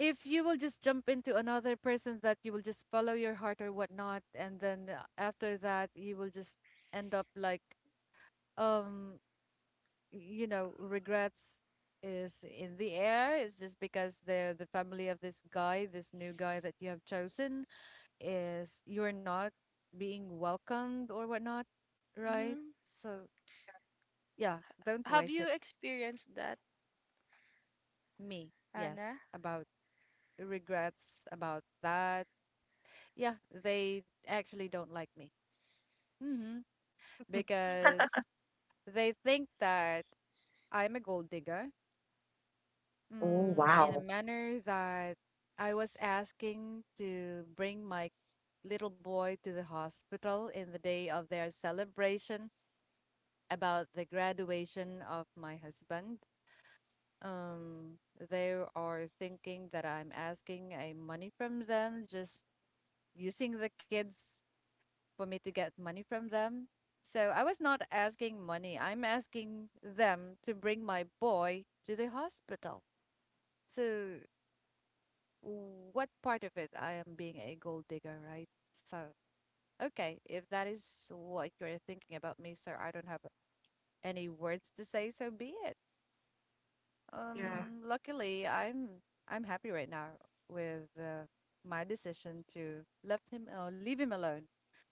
A: if you will just jump into another person that you will just follow your heart or whatnot, and then after that you will just end up like, um regrets is in the air. It's just because the family of this guy, this new guy that you have chosen, is you're not being welcomed or whatnot, right?
C: Hmm.
A: So yeah, don't
C: Have
A: waste
C: you
A: it.
C: experienced that,
A: Me, yes,
C: Anna?
A: about regrets about that. Yeah, they actually don't like me. Mm-hmm. Because they think that I'm a gold digger,
B: Oh,
A: in a
B: wow.
A: manner that I was asking to bring my little boy to the hospital in the day of their celebration about the graduation of my husband. Um, they are thinking that I'm asking a money from them, just using the kids for me to get money from them. So I was not asking money. I'm asking them to bring my boy to the hospital. So what part of it I am being a gold digger, right? So, okay, if that is what you're thinking about me, sir, I don't have any words to say, so be it.
B: Yeah,
A: Luckily, I'm happy right now with my decision to left him leave him alone,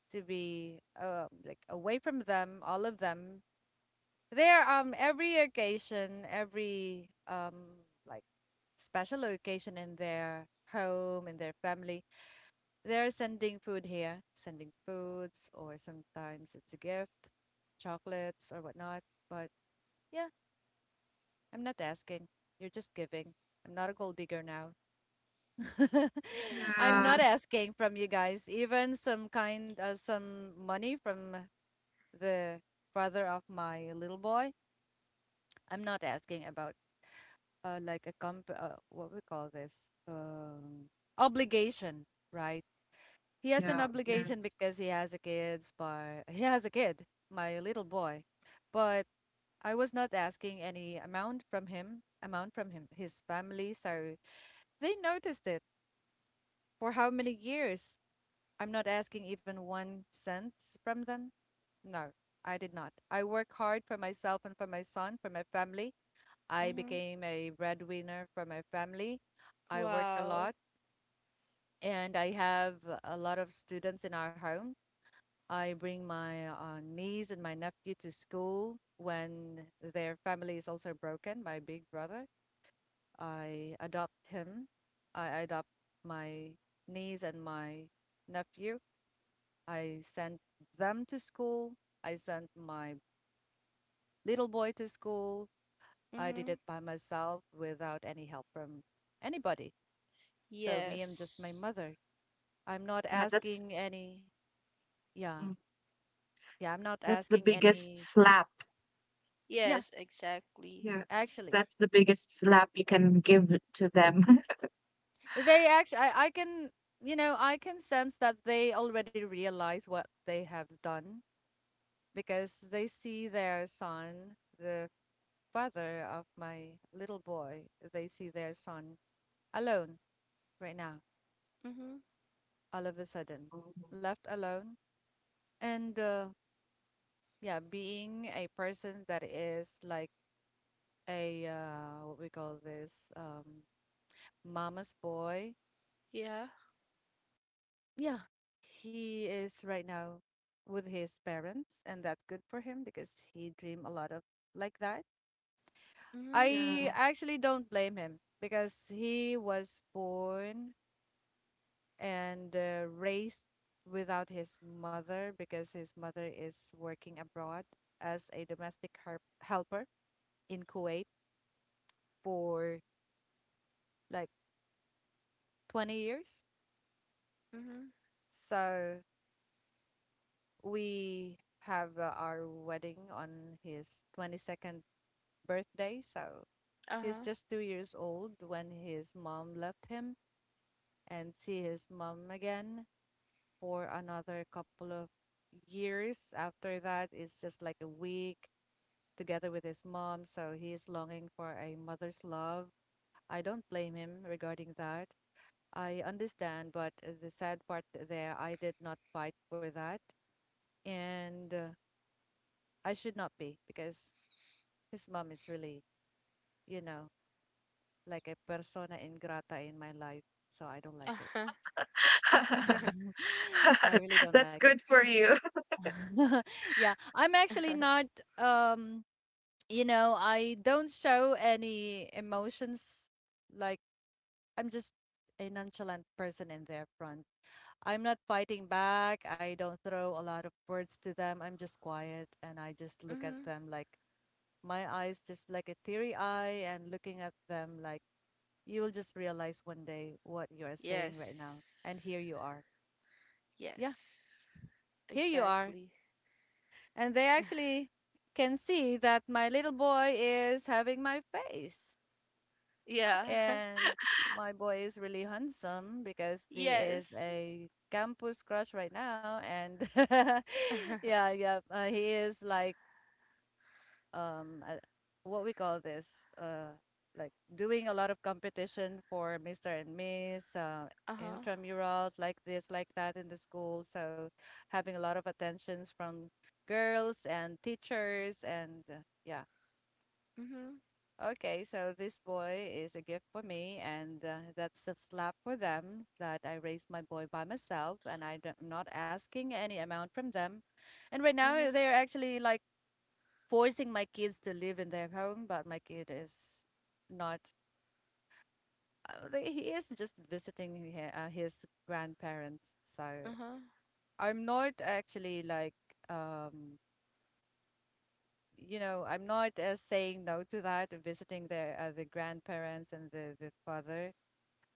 A: to be like away from them, all of them. There, every occasion, every like special occasion in their home, in their family, they're sending food here, sending foods, or sometimes it's a gift, chocolates or whatnot. But yeah, I'm not asking. You're just giving. I'm not a gold digger now. I'm
B: yeah,
A: not asking from you guys, even some money from the father of my little boy. I'm not asking about like a, comp what we call this, obligation, right? He has an
B: yeah,
A: obligation
B: yes.
A: because he has a kids, but he has a kid, my little boy. But I was not asking any amount from him, his family, so they noticed it. For how many years? I'm not asking even 1 cent from them. No, I did not. I work hard for myself and for my son, for my family. I
C: Hmm.
A: became a breadwinner for my family. I worked a
C: Wow.
A: lot and I have a lot of students in our home. I bring my niece and my nephew to school when their family is also broken. My big brother, I adopt him. I adopt my niece and my nephew. I sent them to school. I sent my little boy to school. I did
C: Mm-hmm.
A: it by myself without any help from anybody. So me, I'm just my
C: Yes.
A: mother. I'm not
B: Yeah,
A: asking any, yeah,
B: mm,
A: yeah, I'm not
B: that's the
A: asking
B: biggest
A: any,
B: slap.
A: yeah,
C: Yes, exactly.
B: Yeah,
A: actually.
B: that's the biggest slap you can give to them.
A: They actually, I can, I can sense that they already realize what they have done because they see their son, the father of my little boy, they see their son alone right now,
C: Mm-hmm.
A: all of a sudden,
B: Oh,
A: left alone. And yeah, being a person that is like what we call this, mama's boy.
C: Yeah.
A: Yeah, he is right now with his parents, and that's good for him because he dream a lot of like that.
C: Mm-hmm.
B: yeah.
A: I actually don't blame him because he was born and raised without his mother because his mother is working abroad as a domestic her helper in Kuwait for like 20 years.
C: Mm-hmm.
A: So we have our wedding on his 22nd birthday. So he's
C: Uh-huh.
A: just 2 years old when his mom left him and see his mom again for another couple of years. After that is just like a week together with his mom. So he is longing for a mother's love. I don't blame him regarding that. I understand, but the sad part there, I did not fight for that. And I should not be because his mom is really, you know, like a persona ingrata in my life, so I don't like it.
C: Uh-huh.
A: I really don't
B: That's
A: like it.
B: good for you.
A: Yeah, I'm actually not, um, I don't show any emotions. Like, I'm just a nonchalant person in their front. I'm not fighting back. I don't throw a lot of words to them. I'm just quiet and I just look at
C: Mm-hmm.
A: them like my eyes, just like a teary eye, and looking at them like, you will just realize one day what you are saying right now.
C: Yes.
A: And here you are. Yeah,
C: Yes.
A: here you are.
C: Exactly.
A: And they actually can see that my little boy is having my face.
C: Yeah.
A: And my boy is really handsome because he is
C: Yes.
A: a campus crush right now. And yeah, yeah, he is like um uh, what we call this like doing a lot of competition for Mr. and Miss,
C: Uh-huh.
A: intramurals, like this like that, in the school, so having a lot of attentions from girls and teachers and yeah,
C: Mm-hmm.
A: okay, so this boy is a gift for me, and that's a slap for them, that I raised my boy by myself, and I'm not asking any amount from them. And right now
C: Mm-hmm.
A: they're actually like forcing my kids to live in their home, but my kid is not. He is just visiting his grandparents, so
C: Uh-huh.
A: I'm not actually like I'm not saying no to that, visiting their, the grandparents, and the father,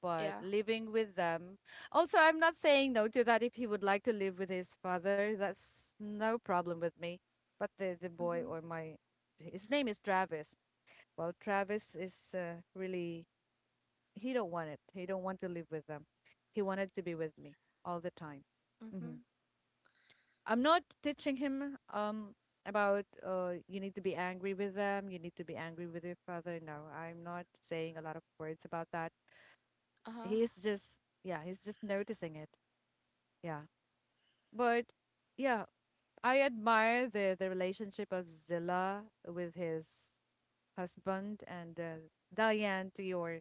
A: but
C: Yeah.
A: living with them. Also, I'm not saying no to that if he would like to live with his father. That's no problem with me. But the boy, or
C: Mm-hmm.
A: my, his name is Travis. Well, Travis is really, he don't want it. He don't want to live with them. He wanted to be with me all the time. hmm
C: Mm-hmm.
A: I'm not teaching him about you need to be angry with them, you need to be angry with your father. No, I'm not saying a lot of words about that.
C: Uh-huh.
A: He's just, yeah, he's just noticing it. Yeah. But yeah, I admire the relationship of Zilla with his husband, and Diane, to your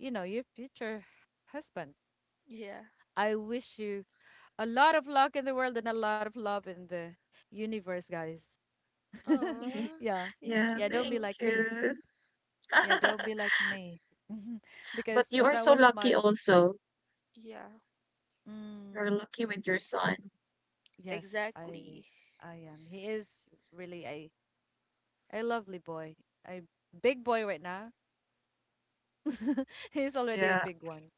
A: you know, your future husband.
C: Yeah.
A: I wish you a lot of luck in the world and a lot of love in the universe, guys.
C: Aw,
A: Yeah.
C: thank
B: Yeah,
A: Yeah, don't be
B: thank
C: you.
A: like me.
B: you.
A: Yeah, don't be like me.
B: But
A: Because
B: you are
A: that
B: so
A: was
B: lucky
A: my.
B: also.
C: Yeah.
B: You're
A: Mm,
B: lucky with your son.
A: yes, I
C: Exactly.
A: I am. He is really a lovely boy. A big boy right now. He's already a
B: Yeah,
A: big one.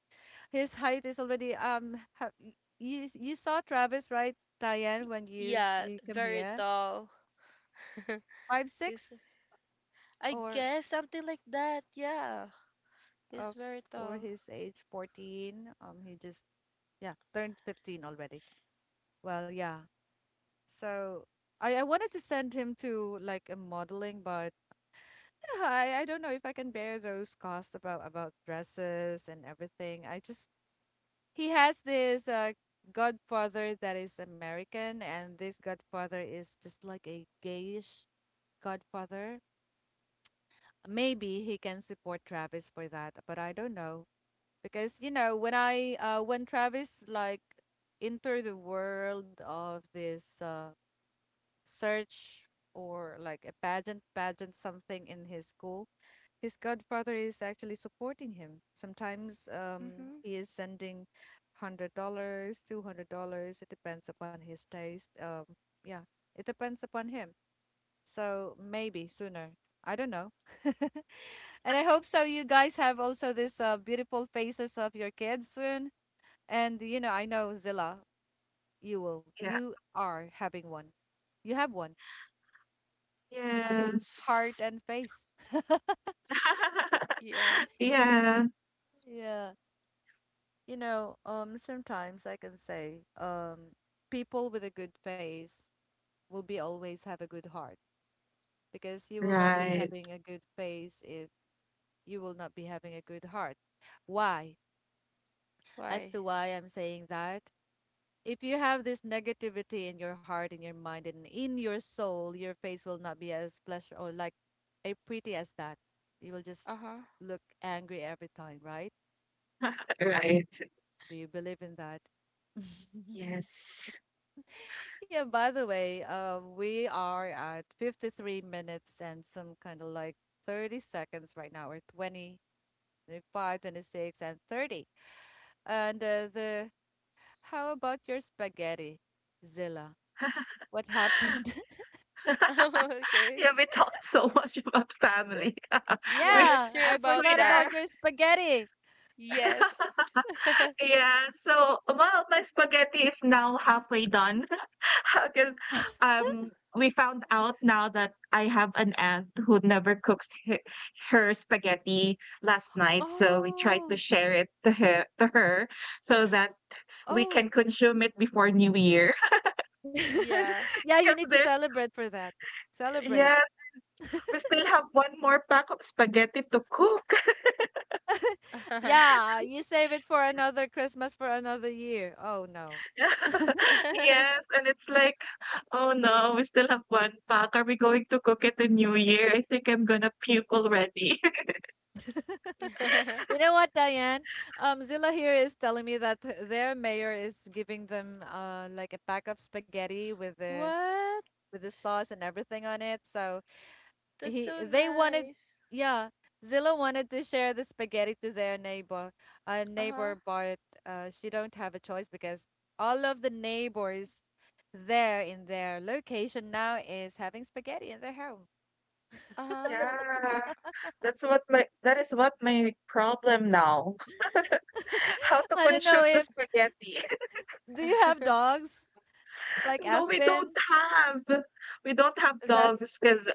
A: His height is already you saw Travis, right, Diane,
C: Y-
A: when you when
C: Yeah,
A: you come
C: very
A: here?
C: tall.
A: five
C: He's
A: six
C: I
A: or
C: guess something like that. Yeah, he's
A: uh
C: very
A: for
C: tall.
A: his age, 14, he just, yeah, turned 15 already. Well, yeah, so I wanted to send him to like a modeling, but I don't know if I can bear those costs about dresses and everything. I just, he has this godfather that is American, and this godfather is just like a gayish godfather. Maybe he can support Travis for that, but I don't know. Because, when I when Travis like entered the world of this search, or like a pageant something in his school, his godfather is actually supporting him. Sometimes
C: Mhm.
A: he is sending $100, $200. It depends upon his taste. Yeah, it depends upon him. So maybe sooner. I don't know. And I hope so, you guys have also this beautiful faces of your kids soon. And I know, Zilla,
B: yeah.
A: you are having one. You have one, heart
B: Yes.
A: and face.
C: Yeah.
B: Yeah,
A: Yeah, sometimes I can say, people with a good face will be always have a good heart, because you will not be
B: right,
A: having a good face if you will not be having a good heart. Why? As
C: Why?
A: to why I'm saying that, if you have this negativity in your heart, in your mind, and in your soul, your face will not be as pleasure or like a pretty as that. You will just
C: Uh huh.
A: look angry every time, right?
B: right.
A: Do you believe in that?
B: Yes.
A: Yeah, by the way, we are at 53 minutes and some kind of like 30 seconds right now, or 20, 25, 26, and 30. And the how about your spaghetti, Zilla? What happened?
C: Okay.
B: Yeah, we talked so much about family. We,
C: Yeah. Let's
A: Yeah,
C: hear
A: I
C: about
B: we
A: forgot
C: that.
B: are.
A: about your spaghetti.
C: Yes.
B: Yeah, so, well, my spaghetti is now halfway done, because we found out now that I have an aunt who never cooks he her spaghetti last night, so we tried to
A: Oh,
B: share it to her so that we can
A: oh.
B: consume it before New Year.
C: Yeah.
A: Yeah, you
B: Because
A: need to
B: there's
A: celebrate for that. Celebrate.
B: yes, we still have one more pack of spaghetti to cook.
A: Yeah, you save it for another Christmas for another year. Oh no.
B: Yes, and it's like, "Oh no, we still have 1 pack. Are we going to cook it in New Year? I think I'm gonna puke already."
A: You know what, Diane? Zilla here is telling me that their mayor is giving them like a pack of spaghetti with the
C: What?
A: with the sauce and everything on it. So
C: That's
A: he
C: so
A: they wanted
C: nice.
A: yeah, Zilla wanted to share the spaghetti to their
C: Uh huh.
A: neighbor, but she don't have a choice because all of the neighbors there in their location now is having spaghetti in their home.
C: Uh huh.
B: Yeah, that is what my problem now, how to
A: I don't know,
B: consume the
A: if
B: spaghetti.
A: do you have dogs like
B: No, we
A: Aspen?
B: don't have. We don't have
A: That's.
B: dogs because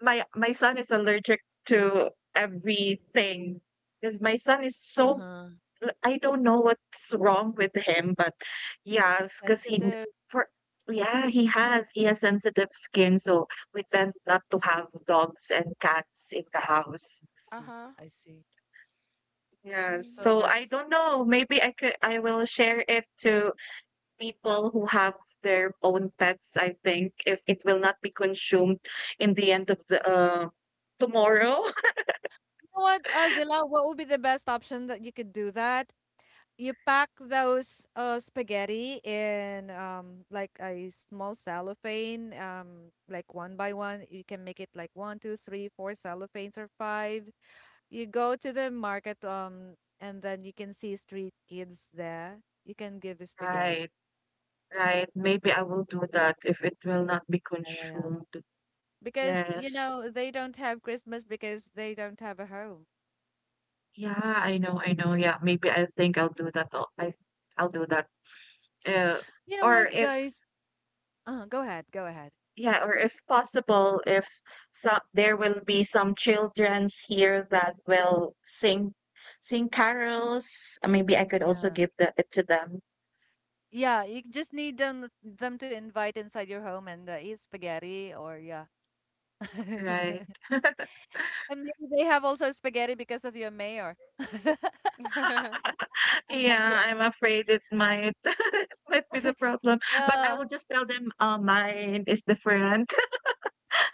B: my son is allergic to everything. Because my son is so,
A: Uh-huh.
B: L I don't know what's wrong with him, but yeah, because he n
A: Sensitive.
B: for yeah, he has sensitive skin, so we tend not to have dogs and cats in the house.
A: I
C: Uh
A: see.
C: huh.
A: I see.
B: Yeah,
C: Mm.
A: So
B: so I
A: that's,
B: don't know, maybe I will share it to people who have their own pets, I think, if it will not be consumed in the end of tomorrow.
A: you know what, Zilla, what would be the best option that you could do, that you pack those spaghetti in, like a small cellophane, like one by one. You can make it like one, two, three, four cellophanes or five. You go to the market, and then you can see street kids there. You can give the spaghetti.
B: Right, right, maybe I will do that if it will not be
A: Yeah, yeah, yeah,
B: consumed.
A: because
B: Yes.
A: they don't have Christmas because they don't have a home.
B: Yeah, I know, I know. Yeah, maybe I think I'll do that. I'll do that. Uh,
A: You know
B: or
A: what,
B: if
A: guys? Go ahead, go ahead.
B: yeah, or if possible, if some there will be some childrens here that will sing carols. Maybe I could also give the it to them.
A: Yeah, you just need them to invite inside your home and eat spaghetti or yeah.
B: Right.
A: And maybe they have also spaghetti because of your mayor.
B: Yeah, I'm afraid it might it might be the problem. But I will
A: Yeah.
B: just tell them mine is different.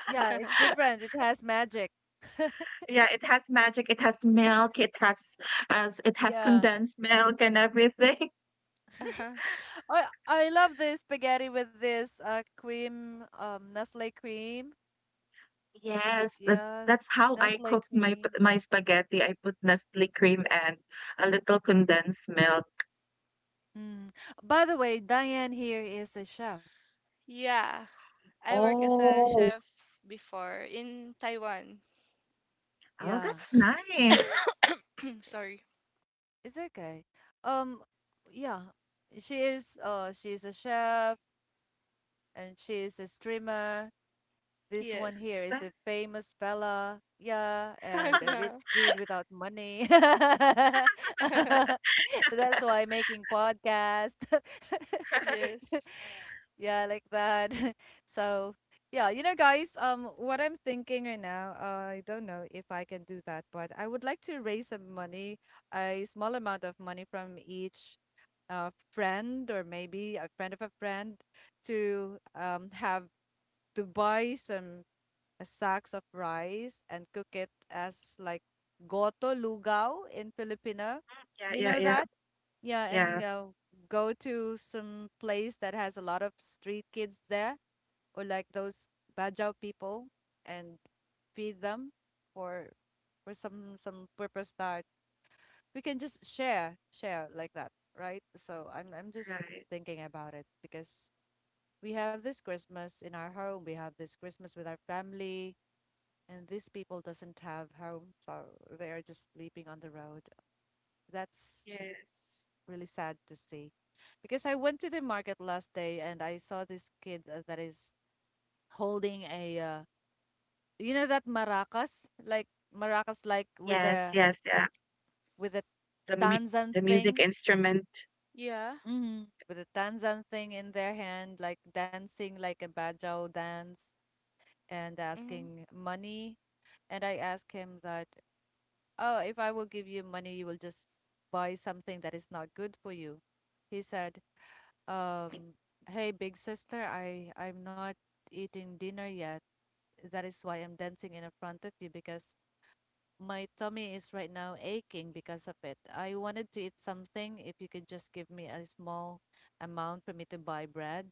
A: Yeah, it's different. It has magic.
B: Yeah, it has magic, it has milk, it has
A: Yeah.
B: condensed milk and everything.
C: Uh-huh.
A: I love this spaghetti with this cream Nestle cream.
B: Yes, that
A: Yeah,
B: that's how I
A: Nestle
B: cook my p
A: cream.
B: my spaghetti. I put Nestle cream and a little condensed milk.
A: Mm. By the way, Diane here is a chef.
C: Yeah. I work as a
B: Oh.
C: chef before in Taiwan.
B: Oh,
A: Yeah.
B: that's nice.
C: Sorry.
A: It's okay. Um yeah. She's a chef. And she is a streamer. This one here
C: Yes.
A: is
B: That.
A: a famous fella, yeah, and a rich
C: No.
A: kid without money. That's why making podcast.
C: Yes.
A: Yeah, like that. So, yeah, guys, what I'm thinking right now, I don't know if I can do that, but I would like to raise some money, a small amount of money from each friend, or maybe a friend of a friend, to have to buy some sacks of rice and cook it as like goto lugao in Filipino.
B: Yeah,
A: You
B: yeah,
A: know
B: yeah.
A: that? Yeah,
B: Yeah,
A: and go to some place that has a lot of street kids there, or like those Bajau people, and feed them for some purpose that we can just share like that, right? So I'm just
B: right.
A: thinking about it, because we have this Christmas in our home, we have this Christmas with our family, and these people doesn't have home, so they are just sleeping on the road. That's
B: Yes.
A: really sad to see. Because I went to the market last day and I saw this kid, that is holding a, you know that maracas, like maracas, like with
B: Yes,
A: a
B: yes, yeah.
A: with a
B: The mu
A: Tanzan
B: the music
A: thing.
B: instrument.
C: Yeah.
A: hmm With a Tanzan thing in their hand, like dancing like a Bajau dance, and
C: Hmm.
A: asking money. And I asked him that, oh, if I will give you money, you will just buy something that is not good for you. He said, um, hey, big sister, I'm not eating dinner yet. That is why I'm dancing in front of you, because my tummy is right now aching because of it. I wanted to eat something. If you could just give me a small amount for me to buy bread.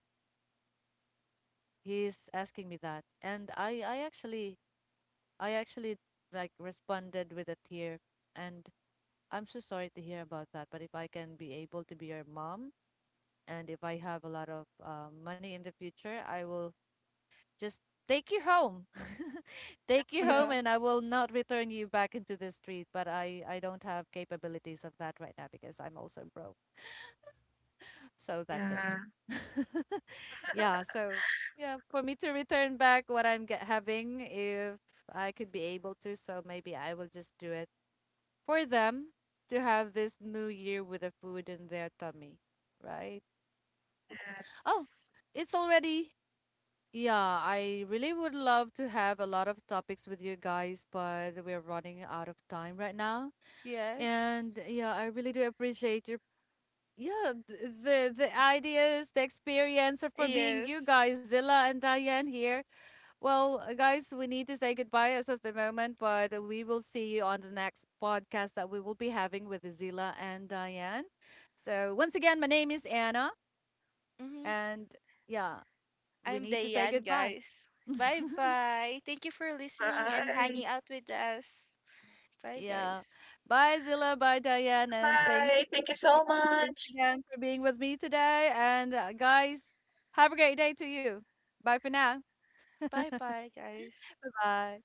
A: He's asking me that. And I actually like responded with a tear, and I'm so sorry to hear about that, but if I can be able to be your mom, and if I have a lot of money in the future, I will just take you home. Take you home,
C: Yeah.
A: and I will not return you back into the street, but I don't have capabilities of that right now because I'm also broke. So that's it.
B: Yeah,
A: Yeah, so yeah, for me to return back what I'm get having, if I could be able to, so maybe I will just do it. For them to have this new year with the food in their tummy, right? Oh,
B: yes.
A: it's already. Yeah, I really would love to have a lot of topics with you guys, but we're running out of time right now. And
C: Yes.
A: yeah, I really do appreciate your yeah th- the ideas, the experience, and for being you
C: Yes.
A: guys, Zilla and Diane here. Well, guys, we need to say goodbye as of the moment, but we will see you on the next podcast that we will be having with Zila and Diane. So, once again, my name is Anna,
C: Hmm.
A: and yeah, we
C: I'm
A: need to say
C: Diane,
A: goodbye.
C: guys. Bye bye. Thank you for listening and hanging
B: Bye.
C: out with us. Bye,
A: Yeah.
C: guys.
A: Bye, Zila. Bye, Diane. And thanks.
B: Bye. Thank you
A: Yeah,
B: so
A: thanks
B: much.
A: again for being with me today. And, guys, have a great day to you. Bye for now.
C: Bye bye, guys.
A: Bye.